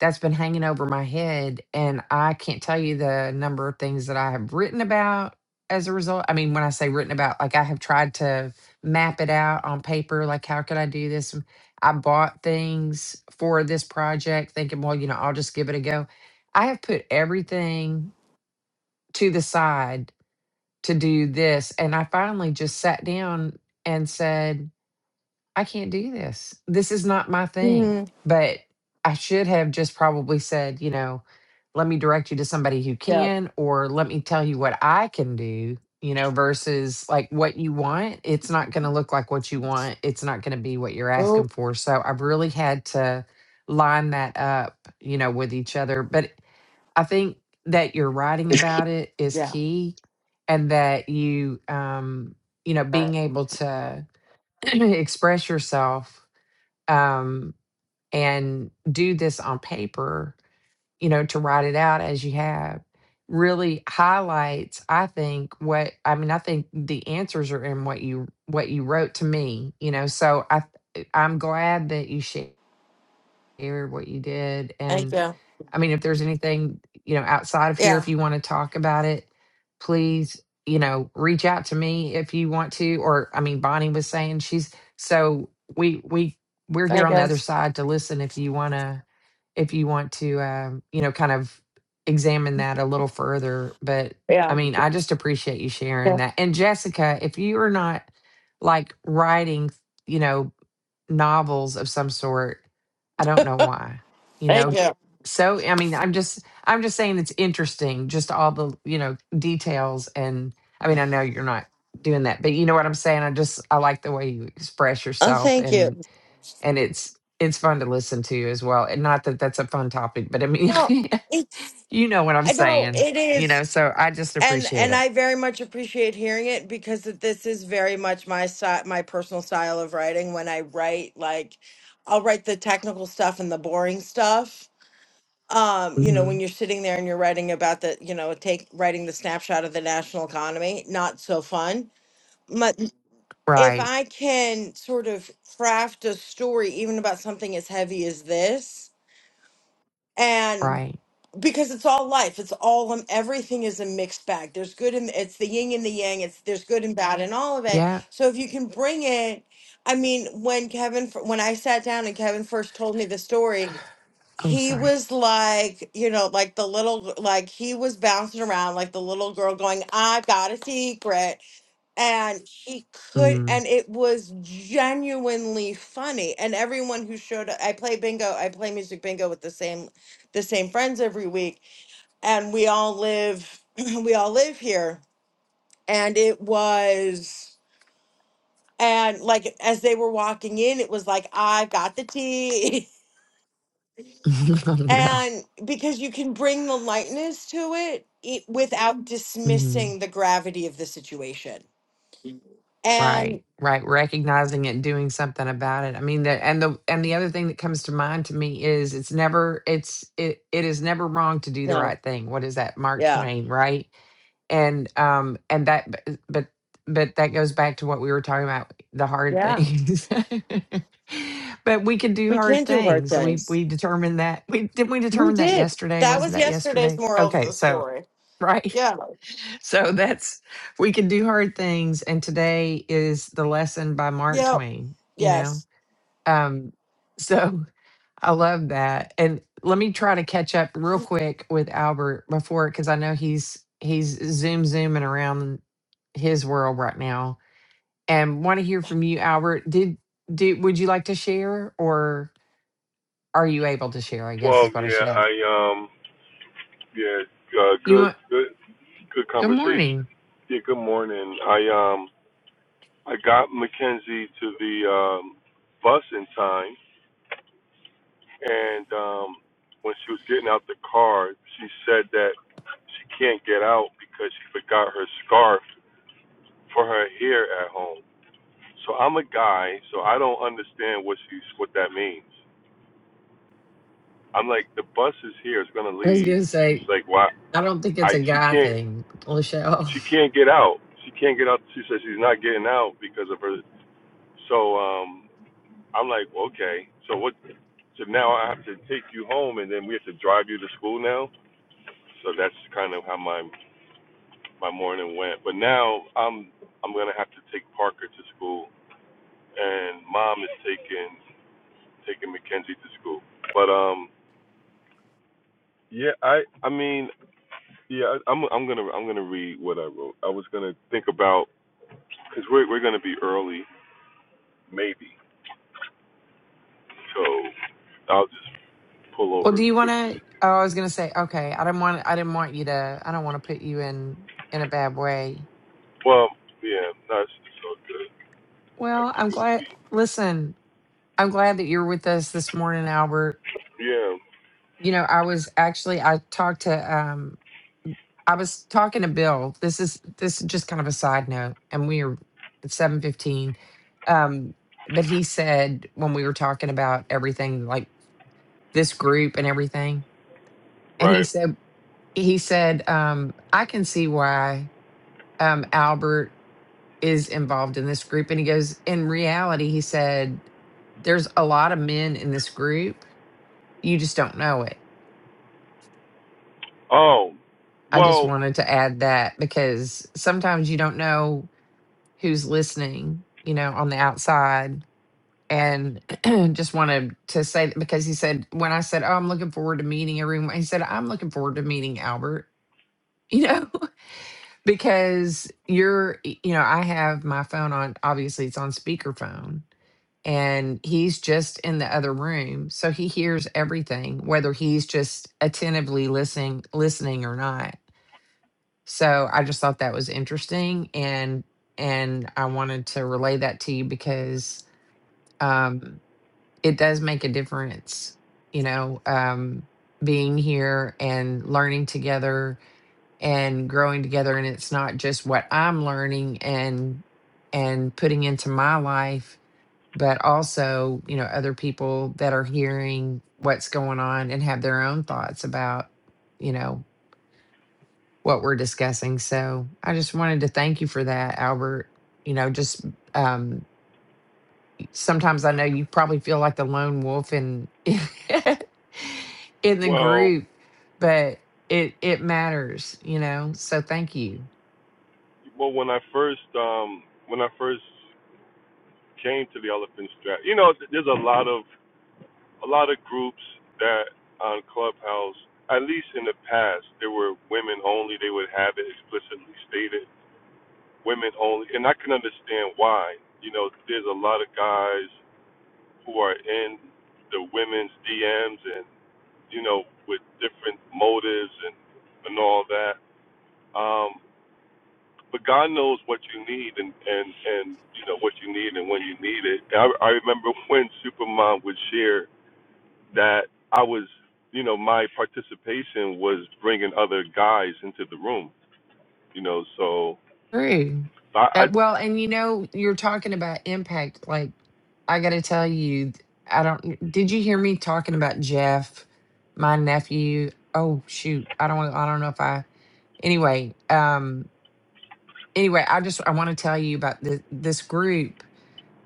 Speaker 1: that's been hanging over my head and i can't tell you the number of things that i have written about as a result i mean when i say written about like i have tried to map it out on paper like how could i do this i bought things for this project thinking well you know i'll just give it a go i have put everything to the side to do this. And I finally just sat down and said, I can't do this. This is not my thing.
Speaker 6: hmm
Speaker 1: But I should have just probably said, you know, let me direct you to somebody who
Speaker 6: yeah
Speaker 1: can, or let me tell you what I can do, you know, versus like what you want. It's not going to look like what you want. It's not going to be what you're
Speaker 6: oh
Speaker 1: asking for. So I've really had to line that up, you know, with each other. But I think that your writing about it is
Speaker 6: yeah
Speaker 1: key and that you um you know being able to express yourself um and do this on paper, you know, to write it out as you have really highlights I think what I mean I think the answers are in what you what you wrote to me, you know. So I I'm glad that you shared what you did
Speaker 6: thank
Speaker 1: and.
Speaker 6: you
Speaker 1: I mean, if there's anything, you know, outside of here,
Speaker 6: yeah
Speaker 1: if you want to talk about it, please, you know, reach out to me if you want to. Or, I mean, Bonnie was saying she's so we, we, we're here
Speaker 6: thank
Speaker 1: on the
Speaker 6: you
Speaker 1: other side to listen if you want to, if you want to, um, you know, kind of examine that a little further. But I
Speaker 6: yeah,
Speaker 1: mean, I just appreciate you sharing
Speaker 6: yeah.
Speaker 1: that. And Jessica, if you are not like writing, you know, novels of some sort. I don't know why. You
Speaker 6: thank
Speaker 1: know,
Speaker 6: you
Speaker 1: so I mean, I'm just I'm just saying it's interesting, just all the, you know, details and I mean, I know you're not doing that, but you know what I'm saying? I just I like the way you express
Speaker 6: oh
Speaker 1: yourself
Speaker 6: thank
Speaker 1: and
Speaker 6: you
Speaker 1: and it's it's fun to listen to as well. And not that that's a fun topic, but I mean,
Speaker 6: well it's
Speaker 1: you know what I'm
Speaker 6: i know
Speaker 1: saying,
Speaker 6: it
Speaker 1: you
Speaker 6: is
Speaker 1: know, so I just
Speaker 6: And
Speaker 1: appreciate
Speaker 6: and
Speaker 1: it.
Speaker 6: I very much appreciate hearing it because th- this is very much my style, my personal style of writing. When I write, like I'll write the technical stuff and the boring stuff. Um, you know,
Speaker 1: hmm
Speaker 6: when you're sitting there and you're writing about the, you know, take writing the snapshot of the national economy, not so fun. But if
Speaker 1: Right.
Speaker 6: I can sort of craft a story, even about something as heavy as this, and
Speaker 1: Right.
Speaker 6: because it's all life it's all um, everything is a mixed bag there's good and it's the yin and the yang it's there's good and bad in all of it
Speaker 1: Yeah.
Speaker 6: so if you can bring it i mean when kevin fir- when i sat down and kevin first told me the story
Speaker 1: Oh,
Speaker 6: he
Speaker 1: sorry.
Speaker 6: was like you know like the little like he was bouncing around like the little girl going i've got a secret and he could
Speaker 1: Mm.
Speaker 6: and it was genuinely funny and everyone who showed up i play bingo i play music bingo with the same the same friends every week and we all live we all live here and it was and like as they were walking in it was like i've got the tea
Speaker 1: oh,
Speaker 6: and because you can bring the lightness to it, it without
Speaker 1: no.
Speaker 6: dismissing the gravity of the situation
Speaker 1: Right,
Speaker 6: and
Speaker 1: right. Recognizing it and doing something about it. I mean, the, and the and the other thing that comes to mind to me is it's never it's it it is never wrong to do the
Speaker 6: no
Speaker 1: right thing. What is that, Mark
Speaker 6: yeah
Speaker 1: Twain, right? And um and that but but but that goes back to what we were talking about the hard
Speaker 6: yeah
Speaker 1: things. but we can do
Speaker 6: we
Speaker 1: hard
Speaker 6: can do hard
Speaker 1: things. We
Speaker 6: things
Speaker 1: we determined that we didn't we
Speaker 6: we
Speaker 1: determine that
Speaker 6: did
Speaker 1: yesterday?
Speaker 6: that
Speaker 1: Wasn't
Speaker 6: was
Speaker 1: that
Speaker 6: yesterday's
Speaker 1: yesterday?
Speaker 6: moral of
Speaker 1: Okay,
Speaker 6: the
Speaker 1: so
Speaker 6: story
Speaker 1: right.
Speaker 6: yeah
Speaker 1: So that's we can do hard things and today is the lesson by Mark
Speaker 6: yep
Speaker 1: Twain, you
Speaker 6: yes
Speaker 1: know. Um so I love that. And let me try to catch up real quick with Albert before cuz I know he's he's zoom zooming around his world right now. And want to hear from you Albert. Did did would you like to share or are you able to share? I guess
Speaker 4: Well,
Speaker 1: is what I
Speaker 4: yeah,
Speaker 1: should ask.
Speaker 4: I um, yeah, uh,
Speaker 1: You
Speaker 4: good,
Speaker 1: want,
Speaker 4: good, good
Speaker 1: good
Speaker 4: conversation.
Speaker 1: morning.
Speaker 4: Yeah, good morning. I um, I got Mackenzie to the um, bus in time, and um, when she was getting out the car, she said that she can't get out because she forgot her scarf for her hair at home. So I'm a guy, so I don't understand what she's what that means. I'm like, the bus is here, it's gonna
Speaker 1: I was
Speaker 4: leave.
Speaker 1: going to
Speaker 4: She's
Speaker 1: say
Speaker 4: like, why?
Speaker 1: I don't think it's
Speaker 4: I
Speaker 1: a
Speaker 4: she
Speaker 1: guy
Speaker 4: can't
Speaker 1: thing, Lachelle.
Speaker 4: she can't get out. She can't get out. She says she's not getting out because of her. So um, I'm like, okay. So what? So now I have to take you home, and then we have to drive you to school now. So that's kind of how my my morning went. But now I'm I'm gonna have to take Parker to school, and mom is taking taking Mackenzie to school. But um, Yeah, I I mean, yeah, I- I'm I'm gonna I'm gonna read what I wrote. I was gonna think about because we're we're gonna be early, maybe. So I'll just pull
Speaker 1: Well,
Speaker 4: over
Speaker 1: do you want
Speaker 4: quickly.
Speaker 1: to? Oh, I was gonna say, okay. I do not want. I didn't want you to. I don't want to put you in in a bad way.
Speaker 4: Well, yeah, that's it's all good. I
Speaker 1: Well,
Speaker 4: think
Speaker 1: I'm
Speaker 4: it'll
Speaker 1: glad.
Speaker 4: be.
Speaker 1: Listen, I'm glad that you're with us this morning, Albert.
Speaker 4: Yeah,
Speaker 1: You know, I was actually. I talked to. um I was talking to Bill. This is this is just kind of a side note, and we are at seven fifteen. Um, but he said when we were talking about everything, like this group and everything, and he
Speaker 4: right.
Speaker 1: said he said um, I can see why um, Albert is involved in this group. And he goes, in reality, he said, there's a lot of men in this group. You just don't know it.
Speaker 4: Oh,
Speaker 1: I just
Speaker 4: well,
Speaker 1: wanted to add that because sometimes you don't know who's listening, you know, on the outside. And just wanted to say that because he said, when I said, Oh, I'm looking forward to meeting everyone, he said, I'm looking forward to meeting Albert, you know, because you're, you know, I have my phone on, obviously it's on speakerphone and he's just in the other room so he hears everything whether he's just attentively listening listening or not so i just thought that was interesting and and i wanted to relay that to you because um it does make a difference you know um being here and learning together and growing together and it's not just what i'm learning and and putting into my life but also, you know, other people that are hearing what's going on and have their own thoughts about, you know, what we're discussing. So I just wanted to thank you for that, Albert. You know, just um sometimes I know you probably feel like the lone wolf in in the
Speaker 4: well,
Speaker 1: group, but it it matters, you know. So thank you.
Speaker 4: well. When I first um when I first came to the Elephant Strap, you know, th- there's a lot of a lot of groups that on Clubhouse, at least in the past, they were women only. They would have it explicitly stated, women only, and I can understand why. You know, there's a lot of guys who are in the women's DMs and you know with different motives and and all that. Um, but God knows what you need and and and you know what you need and when you need it. I, I remember when Supermom would share that I was, you know, my participation was bringing other guys into the room, you know. So
Speaker 1: True.
Speaker 4: I, I
Speaker 1: Uh, well, and you know, you're talking about impact. Like, I got to tell you, I don't. Did you hear me talking about Jeff, my nephew? Oh shoot, I don't. I don't know if I. Anyway, um, anyway, I just I want to tell you about the, this group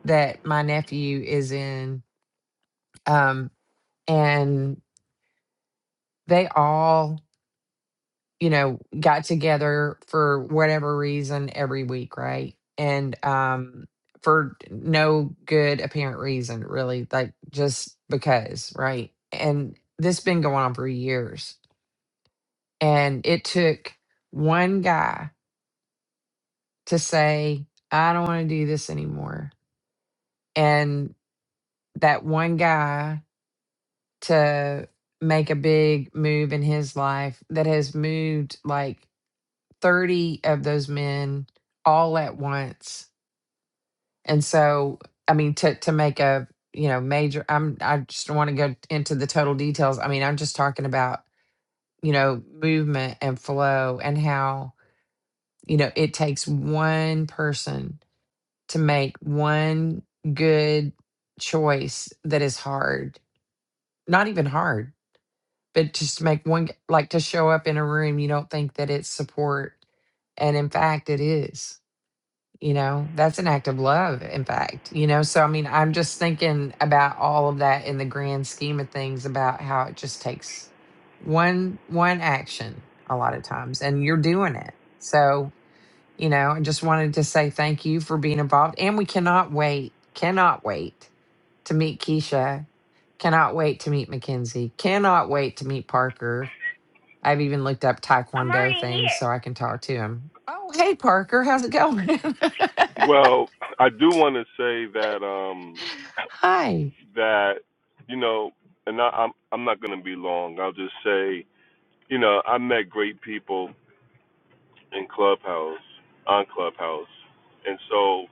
Speaker 1: that my nephew is in, um, and they all you know, got together for whatever reason every week, right? And um for no good apparent reason, really, like just because, right? And this been going on for years. And it took one guy to say, I don't want to do this anymore. And that one guy to make a big move in his life that has moved like 30 of those men all at once. And so, I mean, to, to make a, you know, major, I'm, I just don't want to go into the total details. I mean, I'm just talking about, you know, movement and flow and how, you know, it takes one person to make one good choice that is hard, not even hard, but just to make one, like to show up in a room, you don't think that it's support. And in fact, it is. you know that's an act of love in fact you know so i mean i'm just thinking about all of that in the grand scheme of things about how it just takes one one action a lot of times and you're doing it so you know i just wanted to say thank you for being involved and we cannot wait cannot wait to meet keisha cannot wait to meet mackenzie cannot wait to meet parker i've even looked up
Speaker 4: I'm already
Speaker 1: taekwondo things so
Speaker 4: here.
Speaker 1: i can talk to him oh hey parker how's it going
Speaker 4: well, I do want to say that um
Speaker 1: Hi.
Speaker 4: that you know, and I, I'm I'm not going to be long. I'll just say, you know, I met great people in Clubhouse on Clubhouse, and so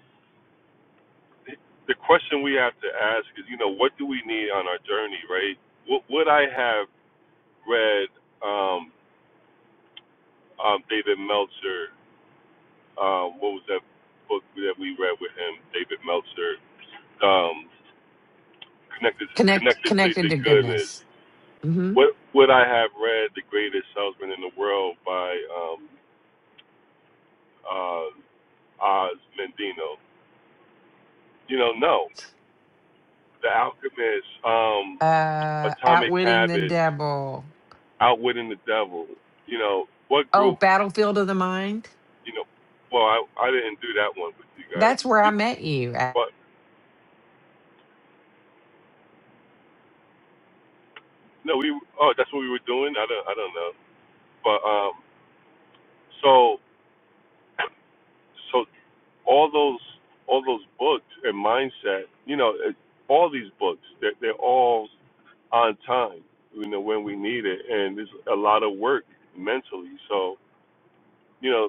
Speaker 4: the question we have to ask is, you know, what do we need on our journey, right? What would I have read? um, um, David Meltzer. Um, what was that book that we read with him? David Meltzer. Um, connected to,
Speaker 1: Connect
Speaker 4: connected to
Speaker 1: connected
Speaker 4: the
Speaker 1: to
Speaker 4: goodness.
Speaker 1: goodness. hmm
Speaker 4: What would I have read? The Greatest Salesman in the World by um, uh, Oz Mendino. You know, no. The Alchemist, um,
Speaker 1: Uh
Speaker 4: Atomic
Speaker 1: outwitting the
Speaker 4: Habits,
Speaker 1: devil.
Speaker 4: Outwitting the Devil. You know, what
Speaker 1: Oh,
Speaker 4: group?
Speaker 1: battlefield of the mind.
Speaker 4: You know, well, I I didn't do that one with you guys.
Speaker 1: That's where I
Speaker 4: We,
Speaker 1: met you. I
Speaker 4: but no, we. Oh, that's what we were doing. I don't. I don't know. But um, so so all those all those books and mindset, you know, it- all these books, they're, they're all on time, you know, when we need it, and it's a lot of work mentally. So you know,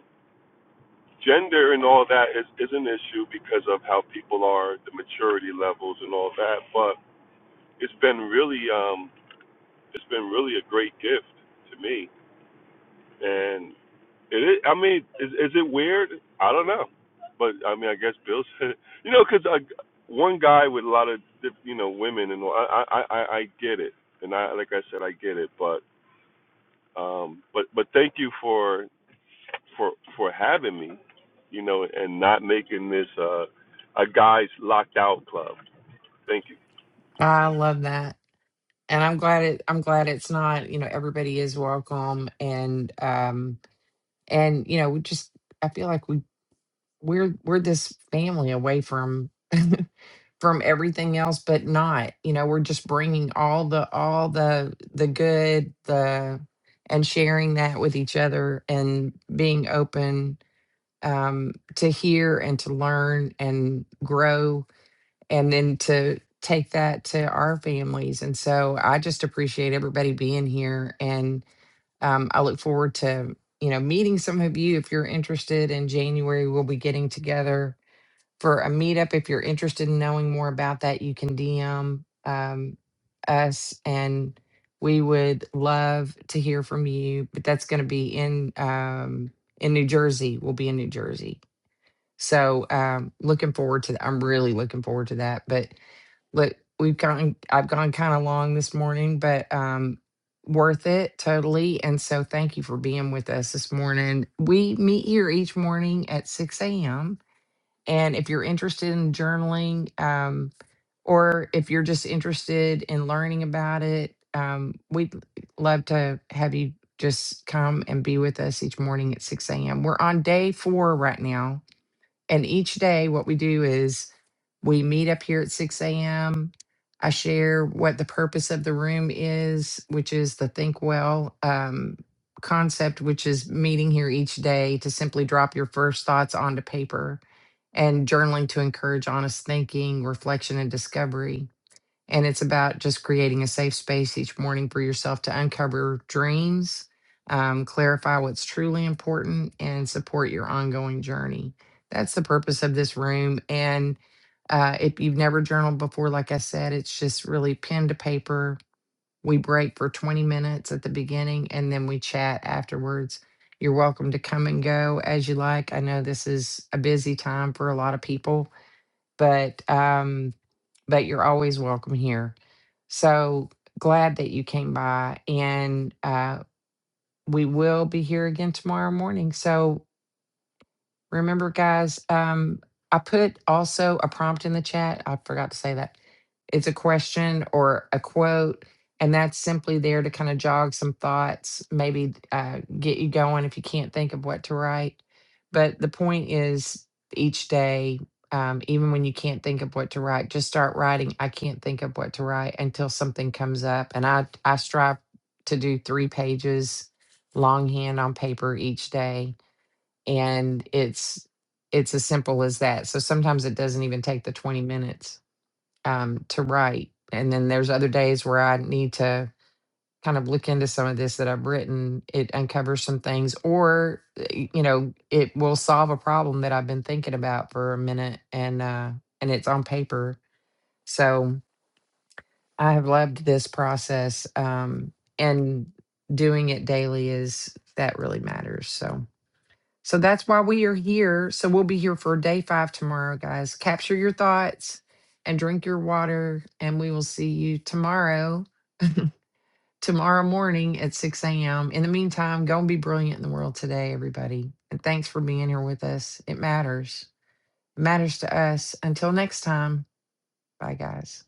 Speaker 4: gender and all that is is an issue because of how people are, the maturity levels and all that. But it's been really um, it's been really a great gift to me, and. It is, I mean, is is it weird? I don't know, but I mean, I guess Bill said, you know, because one guy with a lot of diff- you know women, and I I I, I get it, and I like I said, I get it, but um, but but thank you for for for having me, you know, and not making this uh a guys locked out club. Thank you.
Speaker 1: love that. And I'm glad it I'm glad it's not, you know, everybody is welcome and um and you know, we just I feel like we we're we're this family away from from everything else but not you know we're just bringing all the all the the good the and sharing that with each other and being open um to hear and to learn and grow and then to take that to our families and so i just appreciate everybody being here and um i look forward to you know meeting some of you if you're interested in january we'll be getting together for a meetup. If you're interested in knowing more about that, you can DM um, us and we would love to hear from you. But that's going to be in um, in New Jersey. We'll be in New Jersey. So um, looking forward to I'm really looking forward to that. But look, we've gone I've gone kind of long this morning, but um, worth it totally. And so thank you for being with us this morning. We meet here each morning at 6 a.m and if you're interested in journaling, um, or if you're just interested in learning about it, um, we'd love to have you just come and be with us each morning at 6 a.m. We're on day four right now and each day, what we do is we meet up here at 6 a.m. I share what the purpose of the room is, which is the Think Well um, concept, which is meeting here each day to simply drop your first thoughts onto paper and journaling to encourage honest thinking, reflection, and discovery. And it's about just creating a safe space each morning for yourself to uncover dreams, um, clarify what's truly important, and support your ongoing journey. That's the purpose of this room. And uh, if you've never journaled before, like I said, it's just really pen to paper. We break for 20 minutes at the beginning and then we chat afterwards. You're welcome to come and go as you like. I know this is a busy time for a lot of people, but um, but you're always welcome here. So glad that you came by. And uh, we will be here again tomorrow morning. So Remember, guys, um, I put also a prompt in the chat. I forgot to say that. It's a question or a quote, and that's simply there to kind of jog some thoughts, maybe uh, get you going if you can't think of what to write. But the point is, each day, um, even when you can't think of what to write, just start writing. I can't think of what to write until something comes up, and I I strive to do three pages longhand on paper each day and it's it's as simple as that so sometimes it doesn't even take the 20 minutes um, to write and then there's other days where i need to kind of look into some of this that i've written it uncovers some things or y- you know it will solve a problem that i've been thinking about for a minute and uh and it's on paper so i have loved this process um and doing it daily is that really matters so so that's why we are here. So we'll be here for day five tomorrow, guys. Capture your thoughts and drink your water. And we will see you tomorrow, tomorrow morning at 6 a.m. In the meantime, go and be brilliant in the world today, everybody. And thanks for being here with us. It matters. It matters to us. Until next time, bye, guys.